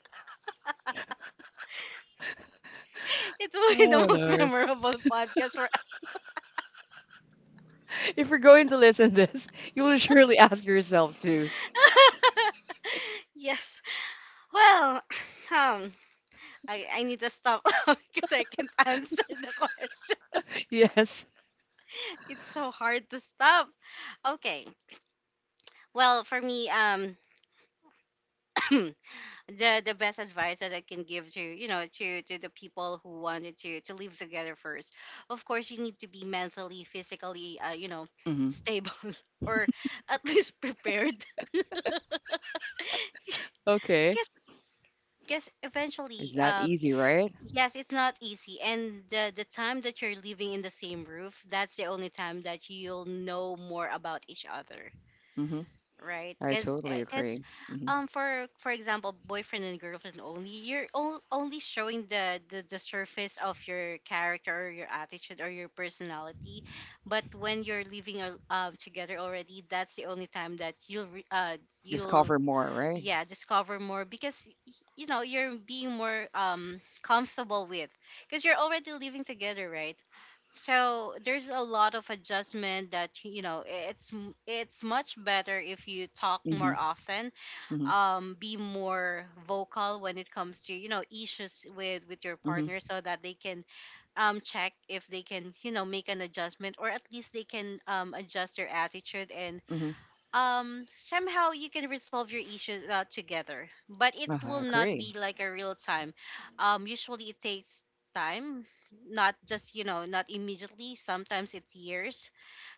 [SPEAKER 2] It will be the
[SPEAKER 1] Oh
[SPEAKER 2] most
[SPEAKER 1] Lord.
[SPEAKER 2] memorable podcast for
[SPEAKER 1] If you're going to listen this, you will surely ask yourself too.
[SPEAKER 2] yes. Well, um, I, I need to stop because I can't answer the question.
[SPEAKER 1] Yes.
[SPEAKER 2] It's so hard to stop. Okay. Well, for me, um, the the best advice that I can give to, you know, to to the people who wanted to to live together first. Of course, you need to be mentally, physically, uh, you know,
[SPEAKER 1] hmm
[SPEAKER 2] stable or at least prepared.
[SPEAKER 1] Okay.
[SPEAKER 2] Because, because eventually,
[SPEAKER 1] It's that
[SPEAKER 2] um,
[SPEAKER 1] easy, right?
[SPEAKER 2] yes, it's not easy. And the the time that you're living in the same roof, that's the only time that you'll know more about each other,
[SPEAKER 1] hmm
[SPEAKER 2] right?
[SPEAKER 1] I
[SPEAKER 2] Because,
[SPEAKER 1] totally
[SPEAKER 2] because
[SPEAKER 1] agree. Hmm
[SPEAKER 2] um, for for example, boyfriend and girlfriend, only you're o- only showing the, the the surface of your character or your attitude or your personality. But when you're living al- um together already, that's the only time that you'll re- uh
[SPEAKER 1] Just
[SPEAKER 2] you'll
[SPEAKER 1] cover more, right?
[SPEAKER 2] yeah, discover more, because y- you know, you're being more, um, comfortable with, because you're already living together, right? So there's a lot of adjustment that, you know, i- it's m- it's much better if you talk more
[SPEAKER 1] hmm
[SPEAKER 2] often,
[SPEAKER 1] hmm
[SPEAKER 2] um, be more vocal when it comes to, you know, issues with with your
[SPEAKER 1] hmm
[SPEAKER 2] partner, so that they can, um, check if they can, you know, make an adjustment, or at least they can, um, adjust their attitude. And,
[SPEAKER 1] hmm
[SPEAKER 2] um, somehow you can resolve your issues, uh, together. But it
[SPEAKER 1] Uh, I
[SPEAKER 2] will not
[SPEAKER 1] agree.
[SPEAKER 2] be like a real time. Um usually it takes time, not just, you know, not immediately. Sometimes it's years,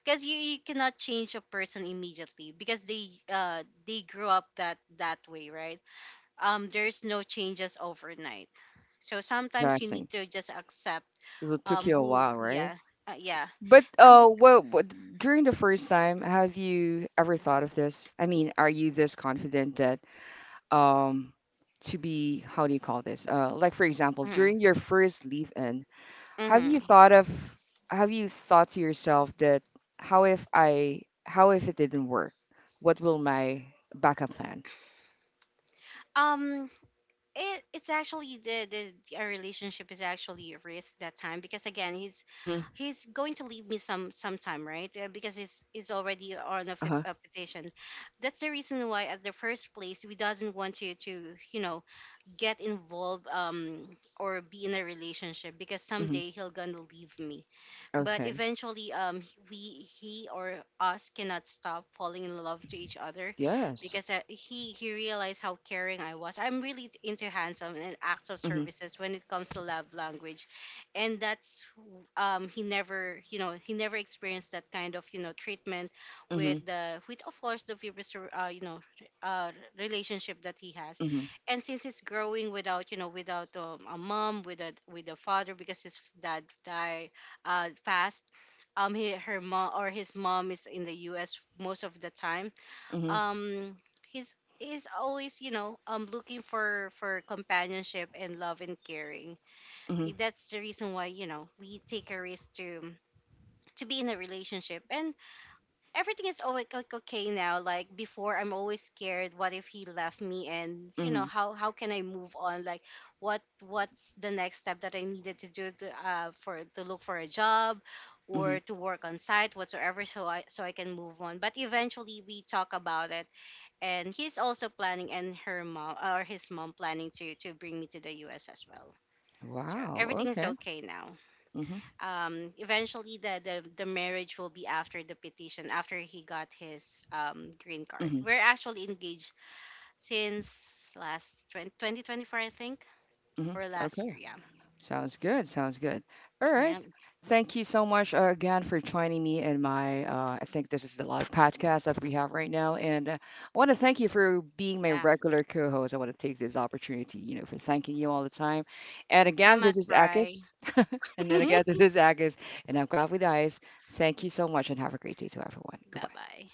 [SPEAKER 2] because you, you cannot change a person immediately, because they uh they grew up that that way, right? Um, there's no changes overnight. So sometimes you
[SPEAKER 1] Exactly.
[SPEAKER 2] need to just accept.
[SPEAKER 1] It will- took
[SPEAKER 2] um
[SPEAKER 1] you a
[SPEAKER 2] who
[SPEAKER 1] while, right?
[SPEAKER 2] yeah. Uh, yeah.
[SPEAKER 1] But
[SPEAKER 2] Some.
[SPEAKER 1] uh, well, but during the first time, have you ever thought of this? I mean, are you this confident that um to be how do you call this? Uh, like for example,
[SPEAKER 2] Mhm,
[SPEAKER 1] during your first leave-in, have you
[SPEAKER 2] mhm.
[SPEAKER 1] thought of have you thought to yourself that how if I how if it didn't work? What will my backup plan?
[SPEAKER 2] um it it's actually the, the the- our relationship is actually at risk that time, because again, he's
[SPEAKER 1] Mm-hmm.
[SPEAKER 2] he's going to leave me some sometime, right? Uh, because he's he's already on a, fit,
[SPEAKER 1] Uh-huh.
[SPEAKER 2] a petition. That's the reason why at the first place we doesn't want to to you know, get involved, um, or be in a relationship, because
[SPEAKER 1] Mm-hmm.
[SPEAKER 2] someday he'll gonna leave me. But
[SPEAKER 1] Okay.
[SPEAKER 2] eventually, um h- we, he or us cannot stop falling in love to each other.
[SPEAKER 1] Yes.
[SPEAKER 2] Because, uh, he he realized how caring I was. I'm really t- into handsome and acts of
[SPEAKER 1] Mm-hmm.
[SPEAKER 2] services when it comes to love language. And that's w- um he never, you know, he never experienced that kind of, you know, treatment
[SPEAKER 1] Mm-hmm.
[SPEAKER 2] with the, with, of course, the previous r- uh, you know, r- uh, relationship that he has.
[SPEAKER 1] Mm-hmm.
[SPEAKER 2] And since he's growing without, you know, without, um, a mom, with a, with a father, because his f- dad died, uh, fast. Um, he, her mom or his mom is in the U S most of the time. Um, he's is always, you know, um, looking for for companionship and love and caring.
[SPEAKER 1] Mm-hmm.
[SPEAKER 2] That's the reason why, you know, we take a risk to to be in a relationship. And everything is always like okay now. Like before, I'm always scared. What if he left me? And you know,
[SPEAKER 1] Mm-hmm.
[SPEAKER 2] how how can I move on? Like, what what's the next step that I needed to do, to, uh, for to look for a job,
[SPEAKER 1] Mm-hmm.
[SPEAKER 2] or to work on site whatsoever. So I so I can move on. But eventually we talk about it, and he's also planning, and her mom or his mom planning to to bring me to the U S as well. So
[SPEAKER 1] Wow.
[SPEAKER 2] everything is
[SPEAKER 1] Okay.
[SPEAKER 2] okay now.
[SPEAKER 1] Mm-hmm.
[SPEAKER 2] Um eventually, the, the the marriage will be after the petition, after he got his, um, green card. We're actually engaged since last twen- twenty, twenty twenty-four, I think,
[SPEAKER 1] hmm
[SPEAKER 2] or last year.
[SPEAKER 1] Okay.
[SPEAKER 2] Yeah,
[SPEAKER 1] Sounds good. Sounds good. All right.
[SPEAKER 2] yeah,
[SPEAKER 1] Thank you so much uh, again for joining me in my, uh, I think this is the live podcast that we have right now. And uh, I want to thank you for being my
[SPEAKER 2] yeah.
[SPEAKER 1] regular co host. I want to take this opportunity, you know, for thanking you all the time. And
[SPEAKER 2] I'm
[SPEAKER 1] again,
[SPEAKER 2] going to
[SPEAKER 1] this is
[SPEAKER 2] cry.
[SPEAKER 1] Akis. And then
[SPEAKER 2] Bye.
[SPEAKER 1] again, this is Akis. And I've got with Ice. Thank you so much and have a great day to everyone. Goodbye.
[SPEAKER 2] Bye.